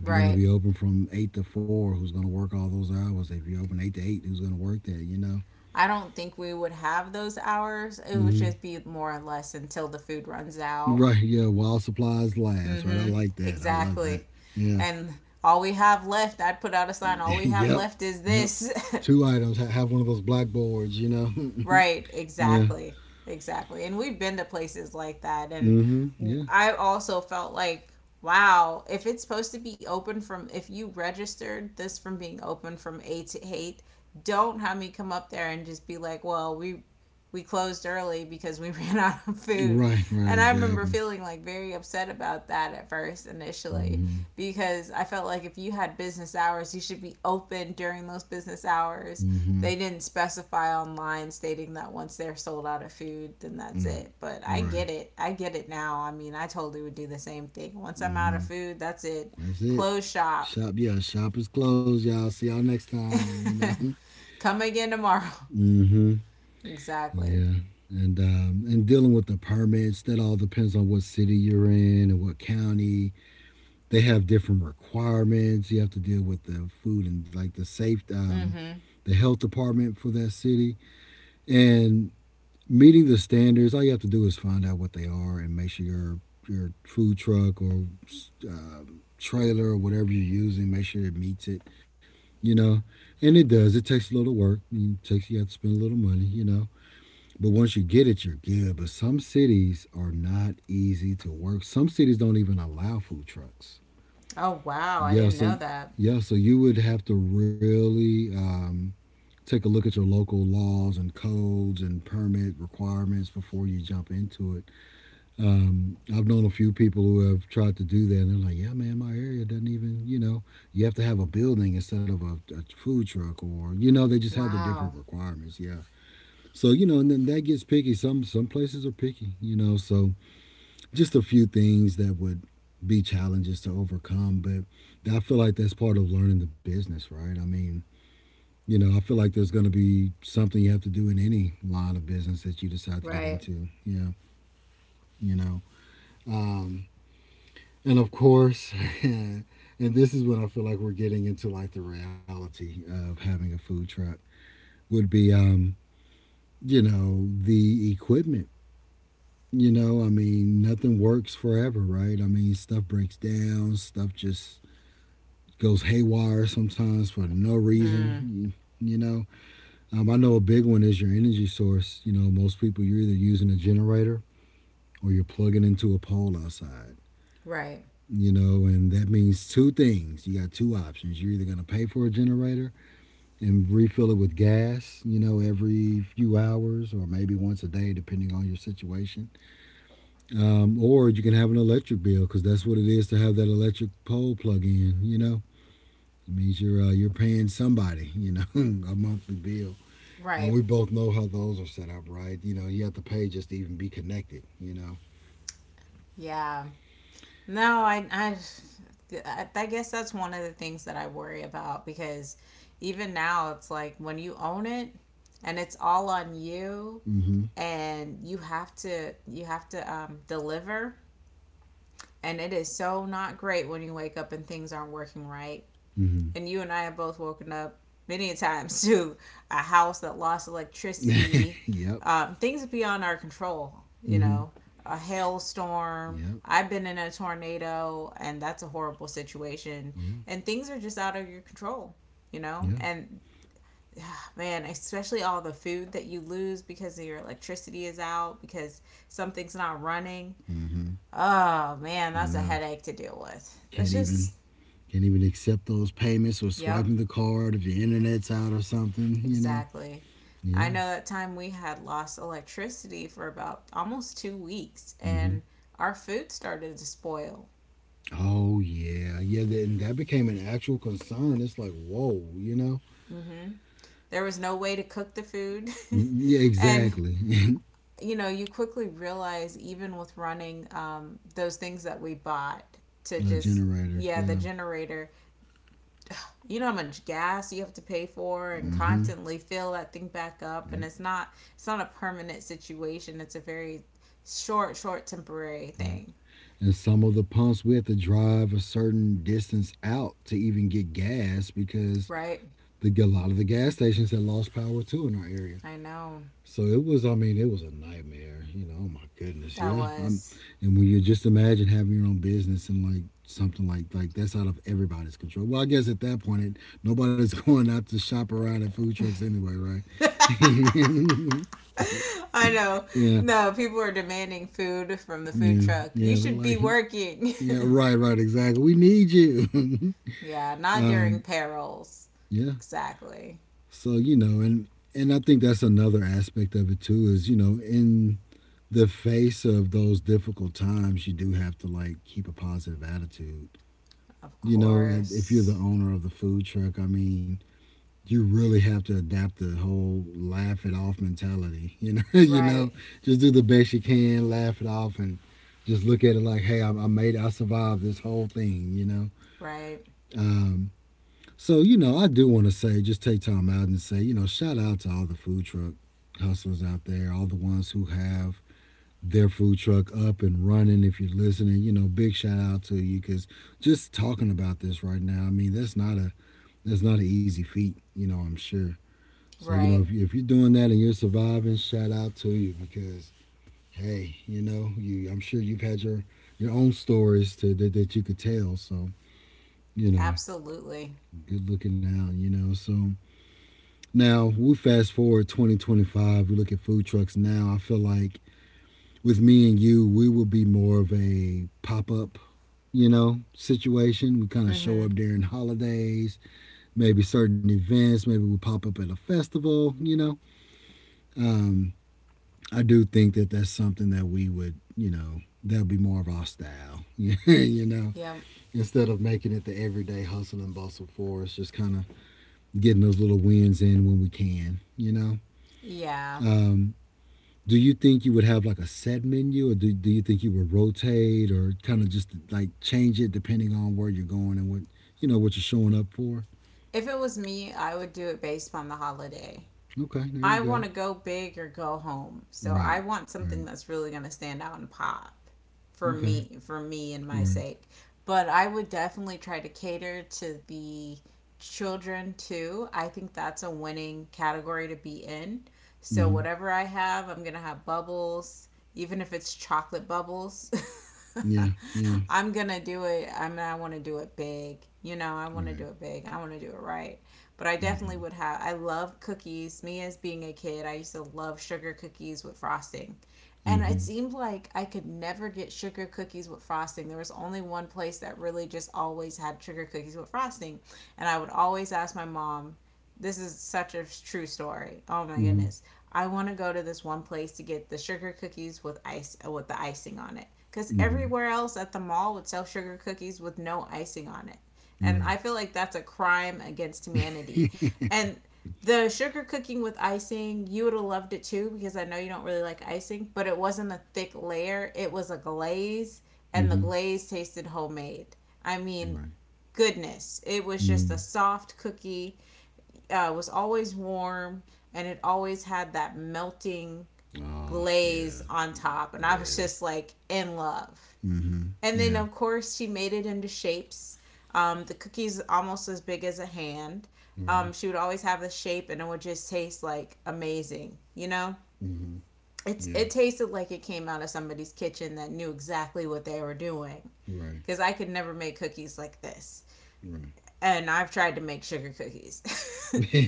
If you're gonna Right. be open from eight to four, who's gonna work all those hours? If you're open eight to eight, who's gonna work that? You know. I don't think we would have those hours. It would hmm just be more or less until the food runs out. Right. Yeah. While supplies last. Right. I Mm-hmm. like that. I love Exactly. that. Yeah. And all we have left, I'd put out a sign, all we Yep. have left is Yep. this. Two items. Have one of those blackboards. You know. right, Yeah. exactly. Exactly. And we've been to places like that, and Mm-hmm. Yeah. I also felt like, wow, if it's supposed to be open from, if you registered this from being open from 8 to 8, don't have me come up there and just be like, "Well, we closed early because we ran out of food." Right, right, And I remember exactly. feeling like very upset about that at first initially Mm-hmm. because I felt like if you had business hours, you should be open during those business hours. Mm-hmm. They didn't specify online stating that once they're sold out of food, then that's Mm. it. But I Right. get it. I get it now. I mean, I totally would do the same thing. Once I'm out of Mm-hmm. food, that's it. That's it. Close shop. Shop. Yeah. Shop is closed, y'all. See y'all next time. You know. Come again tomorrow. Mm-hmm. Exactly. Yeah, and dealing with the permits, that all depends on what city you're in and what county. They have different requirements. You have to deal with the food and like the safe, Mhm. the health department for that city, and meeting the standards. All you have to do is find out what they are and make sure your food truck or uh, trailer, or whatever you're using, make sure it meets it. You know, and it does. It takes a little work. It takes you have to spend a little money. You know, but once you get it, you're good. But some cities are not easy to work. Some cities don't even allow food trucks. Oh wow, I Yeah, didn't so know that. yeah, so you would have to really take a look at your local laws and codes and permit requirements before you jump into it. I've known a few people who have tried to do that, and they're like, "Yeah, man, my area doesn't even, you know, you have to have a building instead of a food truck, or you know, they just have their different Wow. requirements." Yeah, so you know, and then that gets picky. Some places are picky, you know. So just a few things that would be challenges to overcome, but I feel like that's part of learning the business, right? I mean, you know, I feel like there's going to be something you have to do in any line of business that you decide to get Right. into. Yeah, you know, um, and of course, and this is when I feel like we're getting into like the reality of having a food truck would be, you know, the equipment. You know, I mean, nothing works forever, right? I mean, stuff breaks down, stuff just goes haywire sometimes for no Mm, reason. You know, I know a big one is your energy source. You know, most people you're either using a generator or you're plugging into a pole outside. right. You know, and that means two things. You got two options. You're either going to pay for a generator and refill it with gas, you know, every few hours or maybe once a day, depending on your situation. Or you can have an electric bill, because that's what it is to have that electric pole plug in. You know, it means you're paying somebody. You know, a monthly bill, and Right. we both know how those are set up, right? You know, you have to pay just to even be connected. You know. Yeah. No, I guess that's one of the things that I worry about because even now it's like when you own it and it's all on you Mm-hmm. and you have to deliver, and it is so not great when you wake up and things aren't working right, Mm-hmm. and you and I have both woken up many times to a house that lost electricity, Yep. Things beyond our control. You Mm-hmm. know, a hailstorm. Yep. I've been in a tornado, and that's a horrible situation. Yeah. And things are just out of your control. You Yeah. know, and man, especially all the food that you lose because your electricity is out because something's not running. Mm-hmm. Oh man, I that's a know. headache to deal with. That's Can't even just, can't even accept those payments or yep. swiping the card if the internet's out or something. You know. Exactly. I Yeah. know that time we had lost electricity for about almost 2 weeks Mm-hmm. and our food started to spoil. Oh yeah, yeah. That became an actual concern. It's like, whoa, you know? hmm There was no way to cook the food. Mm, yeah, And, exactly. you know, you quickly realize, even with running those things that we bought to just, Generators. yeah, the Yeah. generator, you know how much gas you have to pay for and Mm-hmm. constantly fill that thing back up. Yeah. And it's not a permanent situation. It's a very short, short, temporary Right. thing. And some of the pumps we had to drive a certain distance out to even get gas because Right. the a lot of the gas stations had lost power too in our area. I know. So it was, I mean, it was a nightmare. You know, oh my goodness, That yeah. I'm, was. and when you just imagine having your own business and like something like that's out of everybody's control. Well, I guess at that point, it, nobody's going out to shop around at food trucks anyway, right? I know. Yeah, No, people are demanding food from the food yeah, truck. yeah. You They're should be like, working. yeah, right, right, exactly. We need you. Yeah, not during perils. Yeah. Exactly. So you know, and I think that's another aspect of it too is you know in the face of those difficult times, you do have to like keep a positive attitude. Of You know, and if you're the course. owner of the food truck, I mean, you really have to adapt the whole laugh it off mentality. You know, you know, Right. just do the best you can, laugh it off, and just look at it like, hey, I made it, I survived this whole thing. You know, Right. um, so you know, I do want to say, just take time out and say, you know, shout out to all the food truck hustlers out there, all the ones who have their food truck up and running. If you're listening, you know, big shout out to you because just talking about this right now, I mean, that's not an easy feat, you know. I'm sure. So you know, Right. If you're doing that and you're surviving, shout out to you because hey, you know, you I'm sure you've had your own stories to that, that you could tell. So you know, Absolutely. good looking out, you know. So now we fast forward 2025. We look at food trucks now. I feel like with me and you, we will be more of a pop up, you know, situation. We kind of show Mhm. up during holidays, maybe certain events, maybe we pop up at a festival, you know. Um, I do think that that's something that we would, you know, that would be more of our style, you know, Yep. instead of making it the everyday hustle and bustle for us, just kind of getting those little wins in when we can, you know. Yeah. Um, do you think you would have like a set menu or do you think you would rotate or kind of just like change it depending on where you're going and what you know what you're showing up for. If it was me, I would do it based on the holiday. Okay, there you I want go. to go big or go home. So I Right. want something Right. that's really going to stand out and pop for Okay. me and Right. my sake. But I would definitely try to cater to the children too. I think that's a winning category to be in. So Mm-hmm. whatever I have, I'm going to have bubbles, even if it's chocolate bubbles. Yeah, yeah. I'm going to do it. I mean, I want to do it big. You know, I want to Right. do it big. I want to do it right. But I Mm-hmm. definitely would have. I love cookies. Me as being a kid, I used to love sugar cookies with frosting. And Mm-hmm. it seemed like I could never get sugar cookies with frosting. There was only one place that really just always had sugar cookies with frosting. And I would always ask my mom, this is such a true story. Oh my Mm-hmm. goodness. I want to go to this one place to get the sugar cookies with ice with the icing on it. Cuz Mm-hmm. everywhere else at the mall would sell sugar cookies with no icing on it. And Right. I feel like that's a crime against humanity. And the sugar cooking with icing, you would have loved it too because I know you don't really like icing, but it wasn't a thick layer. It was a glaze, and Mm-hmm. the glaze tasted homemade. I mean, Right. goodness. It was just Mm-hmm. a soft cookie. It was always warm, and it always had that melting Oh yeah. glaze on top. And I Yeah, was that- just like in love. mm-hmm. And then, Yeah. of course, she made it into shapes. The cookie's almost as big as a hand. Right. She would always have the shape, and it would just taste like amazing. You know, Mm-hmm. it's Yeah. it tasted like it came out of somebody's kitchen that knew exactly what they were doing. Right. Because I could never make cookies like this Right. and I've tried to make sugar cookies.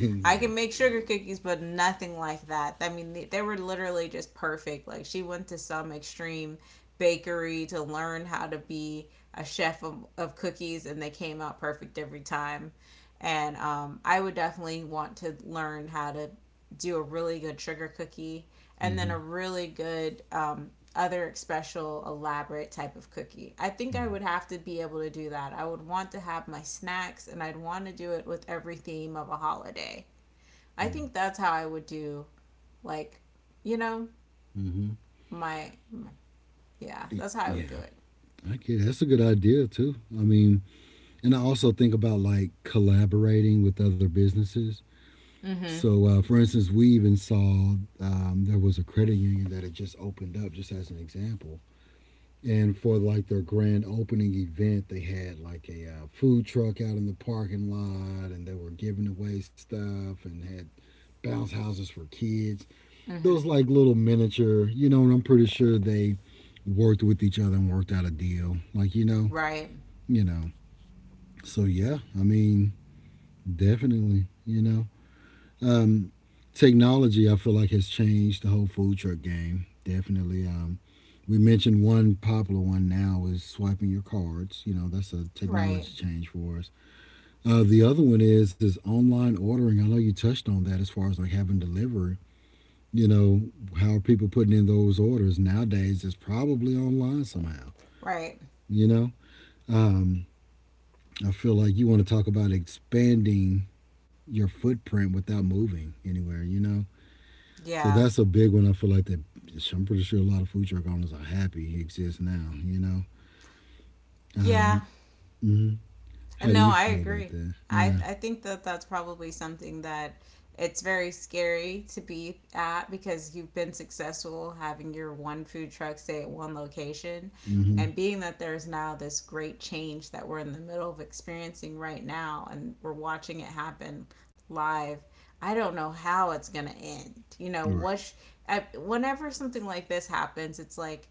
I Yeah. can make sugar cookies, but nothing like that. I mean, they were literally just perfect. Like, she went to some extreme bakery to learn how to be a chef of cookies, and they came out perfect every time. And I would definitely want to learn how to do a really good sugar cookie and then Mm-hmm. a really good other special elaborate type of cookie. I think I Right. would have to be able to do that. I would want to have my snacks and I'd want to do it with every theme of a holiday. Yeah. I think that's how I would do like, you know, Mm-hmm. my yeah, that's how I Yeah, would do it. I get it. That's a good idea too. I mean, and I also think about like collaborating with other businesses. Mhm. So, for instance, we even saw there was a credit union that had just opened up, just as an example. And for like their grand opening event, they had like a food truck out in the parking lot, and they were giving away stuff and had bounce houses for kids, Mhm. those like little miniature, you know, and I'm pretty sure they worked with each other and worked out a deal. Like, you know, Right. you know. So yeah, I mean, definitely, you know. Um Technology I feel like has changed the whole food truck game. Definitely. We mentioned one popular one now is swiping your cards. You know, that's a Right. technology change for us. The other one is online ordering. I know you touched on that as far as like having delivery. You know, how are people putting in those orders nowadays? It's probably online somehow. Right. You know, um, I feel like you want to talk about expanding your footprint without moving anywhere. You know, so Yeah. that's a big one. I feel like that. I'm pretty sure a lot of food truck owners are happy he exists now. You know, Yeah. um, mhm. And How do no, you I feel about agree. that? I Yeah. th- I think that that's probably something that it's very scary to be at because you've been successful having your one food truck stay at one location, Mm-hmm. and being that there's now this great change that we're in the middle of experiencing right now and we're watching it happen live. I don't know how it's going to end, you know All right. what I, whenever something like this happens it's like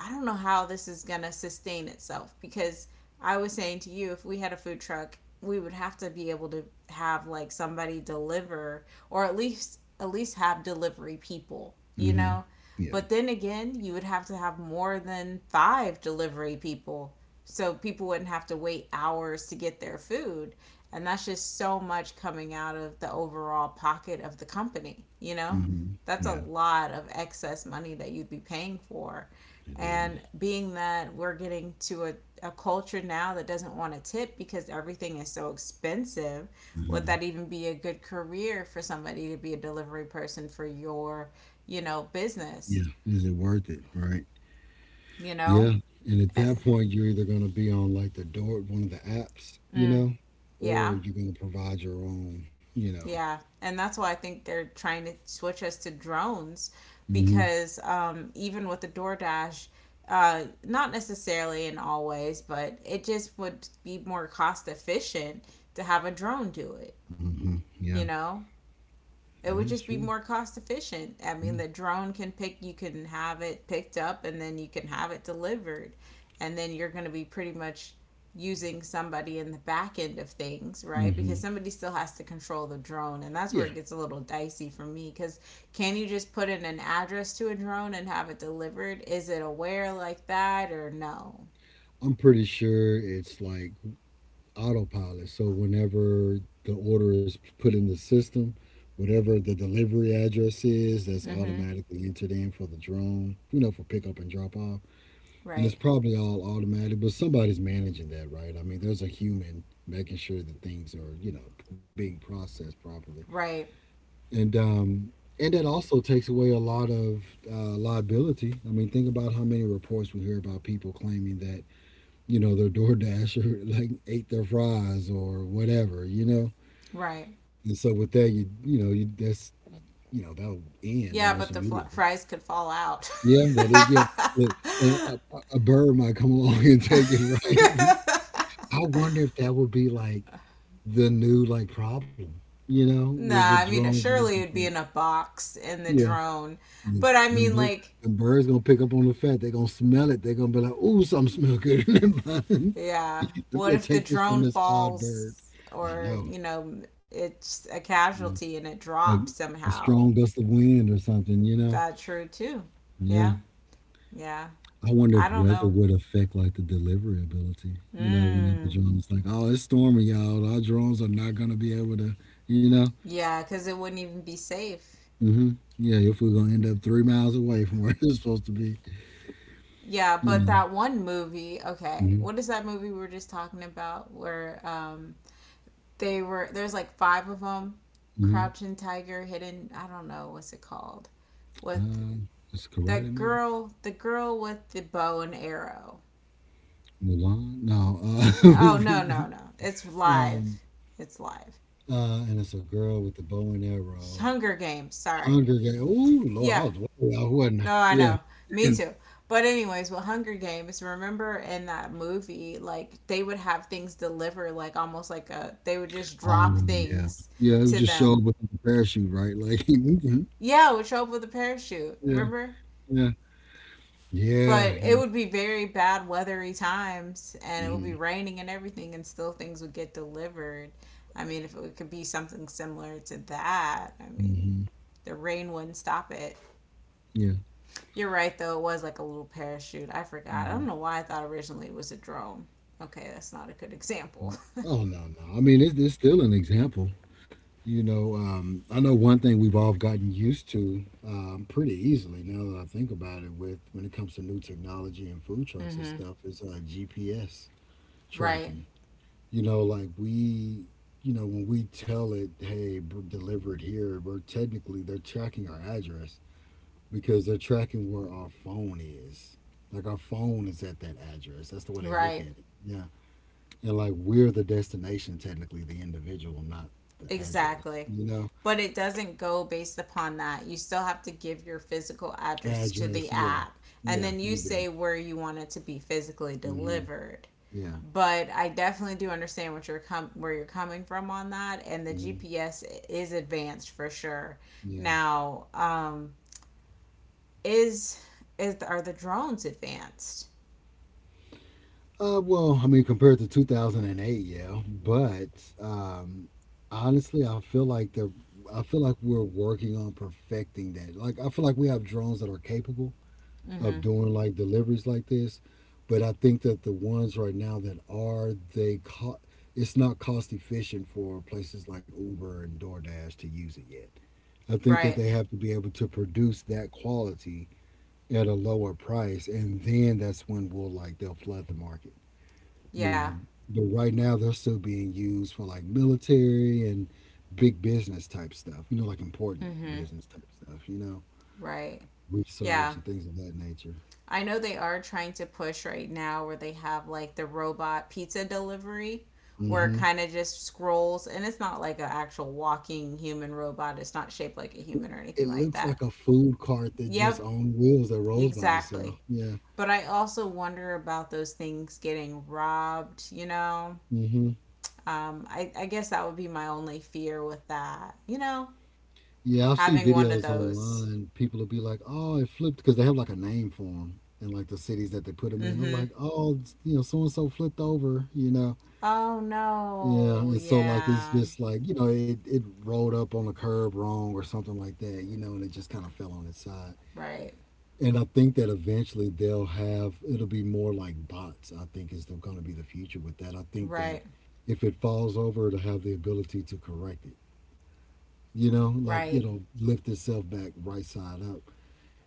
I don't know how this is going to sustain itself because I was saying to you, if we had a food truck, we would have to be able to have like somebody deliver or at least have delivery people, you Mm-hmm. know? Yeah. But then again, you would have to have more than 5 delivery people. So people wouldn't have to wait hours to get their food, and that's just so much coming out of the overall pocket of the company, you know? Mm-hmm. That's a Yeah. lot of excess money that you'd be paying for, It and is. being that we're getting to a culture now that doesn't want to tip because everything is so expensive, Mm-hmm. would that even be a good career for somebody to be a delivery person for your, you know, Yeah. business? Is it worth it? Right. You know? Yeah. And at that point, you're either going to be on like the door, one of the apps, you Mm, know, or yeah. you're going to provide your own, you know. Yeah. And that's why I think they're trying to switch us to drones Hmm. because even with the DoorDash, not necessarily in all ways, but it just would be more cost efficient to have a drone do it. Hmm. Yeah, You know, it that would is just be true. more cost efficient. I Yeah. mean, the drone can pick, you can have it picked up and then you can have it delivered, and then you're going to be pretty much using somebody in the back end of things, right? Hmm. Because somebody still has to control the drone, and that's Yeah. where it gets a little dicey for me because can you just put in an address to a drone and have it delivered, is it aware like that or no? I'm pretty sure it's like autopilot. So whenever the order is put in the system, whatever the delivery address is, that's Mm-hmm. automatically entered in for the drone, you know, for pickup and drop off. And it's Right. probably all automatic, but somebody's managing that, right? I mean, there's a human making sure that things are, you know, being processed properly, Right. and um, and that also takes away a lot of liability. I mean, think about how many reports we hear about people claiming that, you know, their DoorDasher like ate their fries or whatever, you know. Right. And so with that, you know, you know that'll end Yeah, almost but the immediately. fries could fall out. Yeah, that is. Yeah, look, a bird might come along and take it, right? I wonder if that would be like the new like problem, you know, with Nah, I mean, drones delivering surely it'd be food. in a box in the Yeah, drone. the But I the mean, like, bir- birds gonna pick up on the fat. They're gonna smell it. They're gonna be like, "Ooh, something smell good in that bun." yeah, Let me what go if the take this from drone this odd bird. falls I or, know. you know, it's a Yeah. casualty and it A, drops a somehow? strong gust of wind or something, you know. That's true too. Yeah. Yeah, yeah. I wonder I if don't weather know. would affect like the delivery ability. You know, whenever Mm. drones like, "Oh, it's storming, y'all. Our drones are not gonna be able to," you know. Yeah, because it wouldn't even be safe. Hmm. Yeah, your food gonna end up 3 miles away from where it's supposed to be. Yeah, You but know. that one movie, okay. Hmm. What is that movie we were just talking about where they were there's like five of them, Hmm. Crouching Tiger, Hidden, I don't know what's it called. With Uh, it's a karate that movie. girl, the girl with the bow and arrow. Mulan. No. Oh, no, no, no. It's um. live. It's live. And it's a girl with the bow and arrow. Hunger Games, sorry. Hunger Games. Oh Lord, Yeah, I was way I wasn't I? no, I Yeah. know. Me And- too. But anyways, with Hunger Games, remember in that movie, like they would have things delivered, like almost like a they would just drop oh yeah. things Yeah. It was to just showed them. with the parachute, right? Like. Mhm. Yeah, it would show up with a parachute. Yeah. Remember? Yeah. Yeah. But it Yeah. would be very bad weathery times, and it would be Hmm. raining and everything, and still things would get delivered. I mean, if it could be something similar to that, I mean, Hmm. the rain wouldn't stop it. Yeah. You're right, though. It was like a little parachute. I forgot. I don't Hmm. know why I thought originally it was a drone. Okay, that's not a good example. Oh no, no. I mean, it, it's still an example. You know, I know one thing we've all gotten used to pretty easily now that I think about it. With when it comes to new technology and food trucks and Mm-hmm. stuff, is GPS Right, tracking. You know, like we, you know, when we tell it, "Hey, b- deliver it here," we're technically they're tracking our address because they're tracking where our phone is. Like our phone is at that address. That's the way they look at right. it. Yeah, and like we're the destination, technically, the individual, not the address. Exactly. You know. But it doesn't go based upon that. You still have to give your physical address to the Address, yeah, app. And yeah, then you you do. say where you want it to be physically Hmm. delivered. Yeah, But I definitely do understand what you're where you're coming from on that. And the hmm, GPS is advanced for sure. yeah. Now, is is are the drones advanced? Well, I mean, compared to 2008, yeah, but um, honestly, I feel like the I feel like we're working on perfecting that. Like, I feel like we have drones that are capable Mm-hmm. of doing like deliveries like this, but I think that the ones right now that are they co- it's not cost efficient for places like Uber and DoorDash to use it yet. I think that Right. they have to be able to produce that quality at a lower price, and then that's when we'll like they'll flood the market, you Yeah. know. But right now they're still being used for like military and big business type stuff, you know, like important Mm-hmm. business type stuff, you know, Right. research Yeah. and things of that nature. I know they are trying to push right now where they have like the robot pizza delivery where it Hmm. kind of just scrolls and it's not like an actual walking human robot. It's not shaped like a human or It anything like looks that. like a food cart that just Yep, on wheels that rolls by itself. exactly. Yeah. But I also wonder about those things getting robbed, you know? Hmm. I guess that would be my only fear with that. You know, Yeah, I've seen having one of videos those. online. People will be like, "Oh, it flipped," because they have like a name for them, and like the cities that they put them in. They're Mm-hmm. like, "Oh, it's- you know, so and so flipped over," you know. Oh Yeah, no. and so like it's Yeah. just like you know it it rolled up on the curb wrong or something like that, you know, and it just kind of fell on its side. Right. And I think that eventually they'll have it'll be more like bots. I think is going to be the future with that. I think that Right. if it falls over, it'll have the ability to correct it. You know, like you Right. know, lift itself back right side up.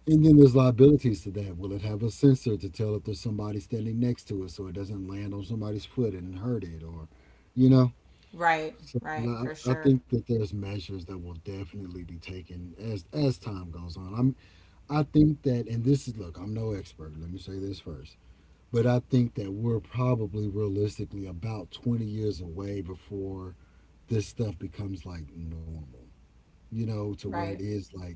And then there's liabilities to that. Will it have a sensor to tell if there's somebody standing next to it so it doesn't land on somebody's foot and hurt it, or you know? Right. So and Right. For I sure. think that there's measures that will definitely be taken as time goes on. I'm I think that and this is look, I'm no expert, let me say this first. But I think that we're probably realistically about 20 years away before this stuff becomes like normal. You know, to where it Right. is like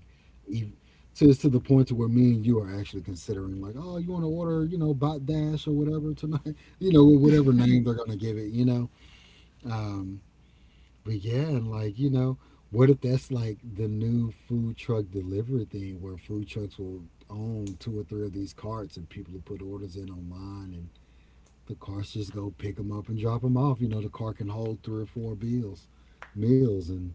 ev to the point to where me and you are actually considering like, oh, you want to order, you know, bot dash or whatever tonight, you know, whatever name they're gonna give it, you know. Um, but yeah, and like, you know, what if that's like the new food truck delivery thing where food trucks will own two or three of these carts and people will put orders in online and the carts just go pick them up and drop them off. You know, the car can hold three or four bills, meals and,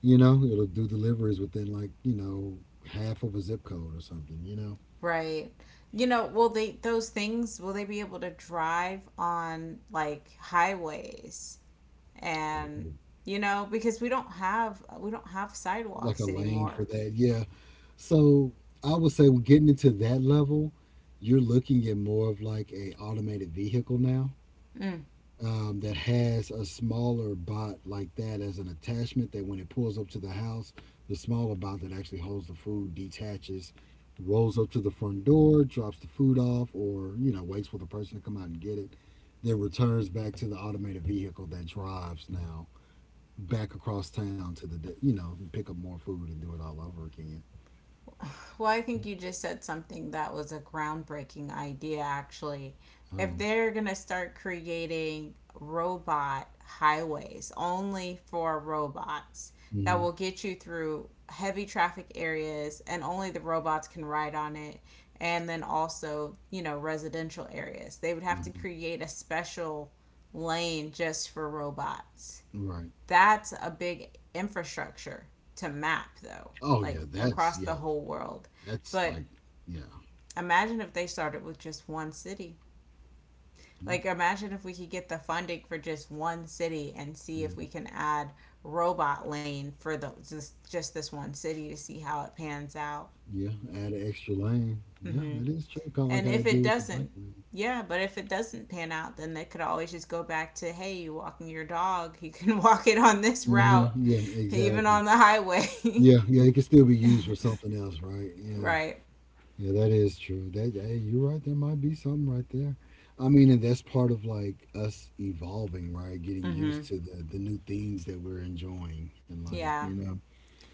you know, it'll do deliveries within like, you know, half of a zip code or something, you know. Right. You know, will they those things will they be able to drive on like highways and Ooh. you know because we don't have Like a sidewalks lane for anymore. that. Yeah. So I would say we're getting into that level, you're looking at more of like a automated vehicle now, Mm. That has a smaller bot like that as an attachment that when it pulls up to the house, the smaller bot that actually holds the food detaches, rolls up to the front door, drops the food off, or you know waits for the person to come out and get it, then returns back to the automated vehicle that drives now back across town to the you know pick up more food and do it all over again. Well, I think you just said something that was a groundbreaking idea, actually. If Oh, they're going to start creating robot highways only for robots hmm. that will get you through heavy traffic areas and only the robots can ride on it, and then also, you know, residential areas, they would have to Hmm. create a special lane just for robots. Right. That's a big infrastructure to map, though, Oh like across the yeah, whole world. that's But like yeah, imagine if they started with just one city. Like, imagine if we could get the funding for just one city and see yeah. if we can add robot lane for the, just this one city to see how it pans out. Yeah, add an extra lane. Yeah, Mm-hmm. that is true. Kind of like And how they if it did with the bike doesn't, lane. yeah, but if it doesn't pan out, then they could always just go back to, hey, you walking your dog, you can walk it on this Hmm. route, Yeah, even exactly. on the highway. Yeah, yeah, it can still be used for something else, right? Yeah, Right. yeah, that is true. That hey, you're right. There might be something right there. I mean, and that's part of like us evolving, right? Getting used Mm-hmm. to the new things that we're enjoying in life. You Yeah. know.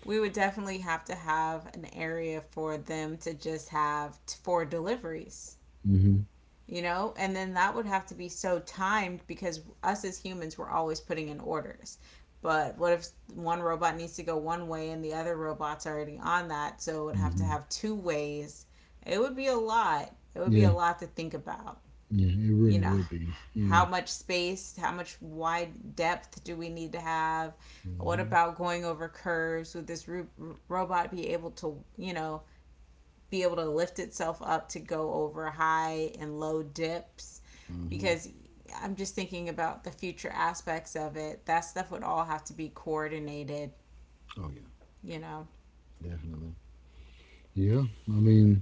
We would definitely have to have an area for them to just for deliveries, Hmm. you know? And then that would have to be so timed because us as humans, we're always putting in orders. But what if one robot needs to go one way and the other robot's already on that? So it would have to Hmm. have two ways. It would be a lot. It would be Yeah, a lot to think about. yeah, it really You know, would be. Yeah. how much space, how much wide depth do we need to have? What Hmm. about going over curves? Would robot be able to, you know, be able to lift itself up to go over high and low dips? Hmm. Because I'm just thinking about the future aspects of it. That stuff would all have to be coordinated, Oh yeah, you know. definitely. Yeah, I mean.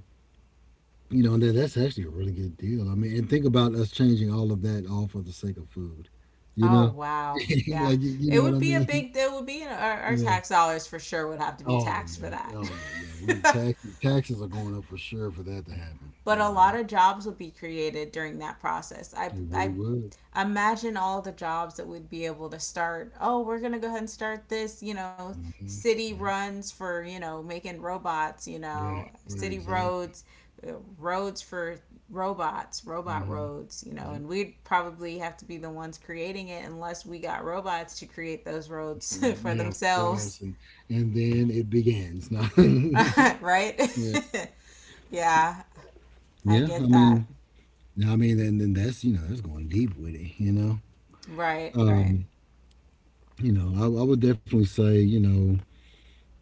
You know, and that, that's actually a really good deal. I mean, and think about us changing all of that all for the sake of food. You Oh, know, wow. Yeah. like you It know what would I be a mean? big, it would be, you know, our Yeah. tax dollars for sure would have to be Oh taxed for yeah. that. Oh yeah. Yeah. We tax Taxes are going up for sure for that to happen. But You a lot know, of jobs will be created during that process. I it I really would. imagine all the jobs that we'd be able to start. Oh, we're gonna go ahead and start this. You know, hmm city Yep. runs for, you know, making robots. You Right. know, Right. city Exactly. roads, uh, roads for robots, robot hmm roads. You know, Yep. and we'd probably have to be the ones creating it unless we got robots to create those roads for Yeah, for us, themselves. And then it begins. Now, Right? yeah, Yeah, I yeah. Get that. I mean, and then that's that's going deep with it. Right, right. Um. I would definitely say,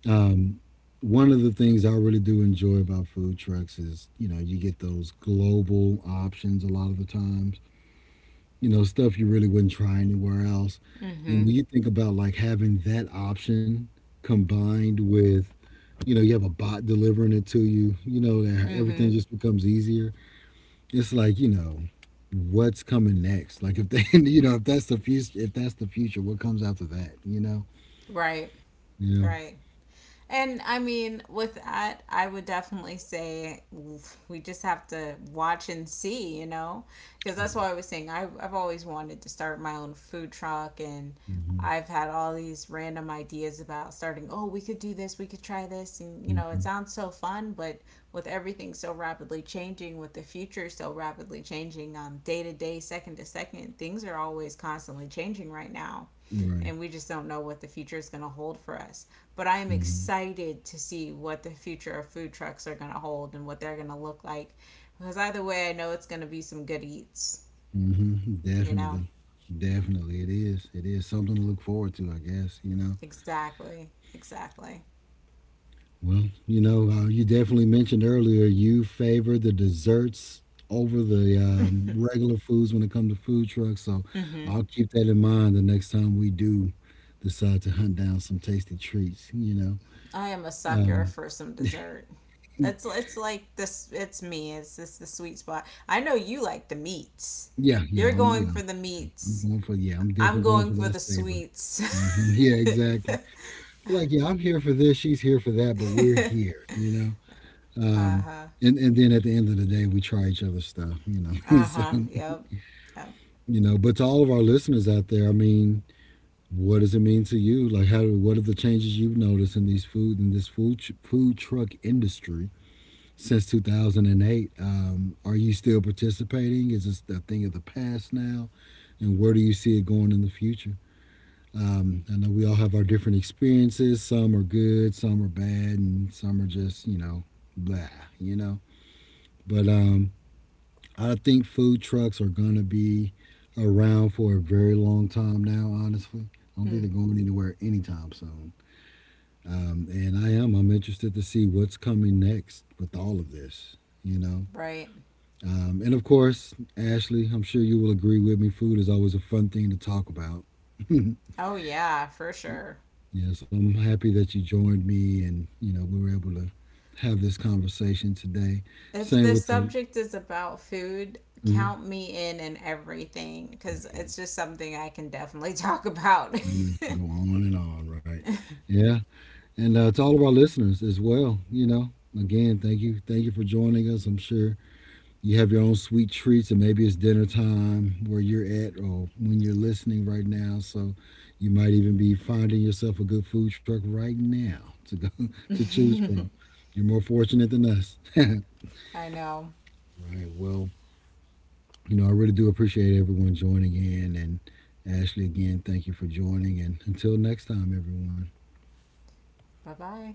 um, one of the things I really do enjoy about food trucks is, you know, you get those global options a lot of the times, you know, stuff you really wouldn't try anywhere else. Mm-hmm. And when you think about like having that option combined with, you know, you have a bot delivering it to you, you know, that Mm-hmm. everything just becomes easier. It's like, you know, what's coming next? Like if they, if that's the future, what comes after that, you know? Right. Yeah. Right. And I mean, with that, I would definitely say we just have to watch and see, you know, because that's what I was saying. I've always wanted to start my own food truck, and Mhm, I've had all these random ideas about starting. Oh, we could do this, we could try this, and you know, it mhm, sounds so fun, but with everything so rapidly changing, with the future so rapidly changing on day to day, second to second, things are always constantly changing right now. Right. And we just don't know what the future is going to hold for us. But I am Mhm, excited to see what the future of food trucks are going to hold and what they're going to look like because either way, I know it's going to be some good eats, mhm, you know? Definitely. Definitely. It is. It is something to look forward to, I guess, you know. Exactly. Exactly. Well, you definitely mentioned earlier you favor the desserts over the regular foods when it comes to food trucks. So Mm-hmm. I'll keep that in mind the next time we do decide to hunt down some tasty treats, you know. I am a sucker Um, for some dessert. It's like this. It's me. It's this the sweet spot. I know you like the meats. yeah, You're going yeah, for the meats. Yeah, I'm I'm definitely going going for for that the savor. sweets. Yeah, exactly. Like yeah, I'm here for this, she's here for that, but we're here, you know. Uh um huh. and then at the end of the day we try each other's stuff, you know. Uh So huh. Yep. Yep. But to all of our listeners out there, I mean, what does it mean to you? Like how, what are the changes you've noticed in these food in this food food truck industry since 2008? Are you still participating? Is this a thing of the past now? And where do you see it going in the future? I know we all have our different experiences. Some are good, some are bad, and some are just, you know, blah, you know. But I think food trucks are going to be around for a very long time now, honestly. I don't think Mm, they're going anywhere anytime soon. I'm interested to see what's coming next with all of this, you know. right. And of course, Ashley, I'm sure you will agree with me, food is always a fun thing to talk about. Oh, yeah, for sure. Yeah, so I'm happy that you joined me, and you know we were able to have this conversation today. If Same the with the, subject is about food, mhm. count me in and everything Oh because yeah, it's just something I can definitely talk about. I'm gonna go on and on, right? Yeah, and to all of our listeners as well. You know, again, thank you for joining us. I'm sure you have your own sweet treats, and maybe it's dinner time where you're at, or when you're listening right now. So you might even be finding yourself a good food truck right now to go to choose from. You're more fortunate than us. I know. Right. Well, you know, I really do appreciate everyone joining in. And Ashley, again, thank you for joining. And until next time, everyone. Bye bye.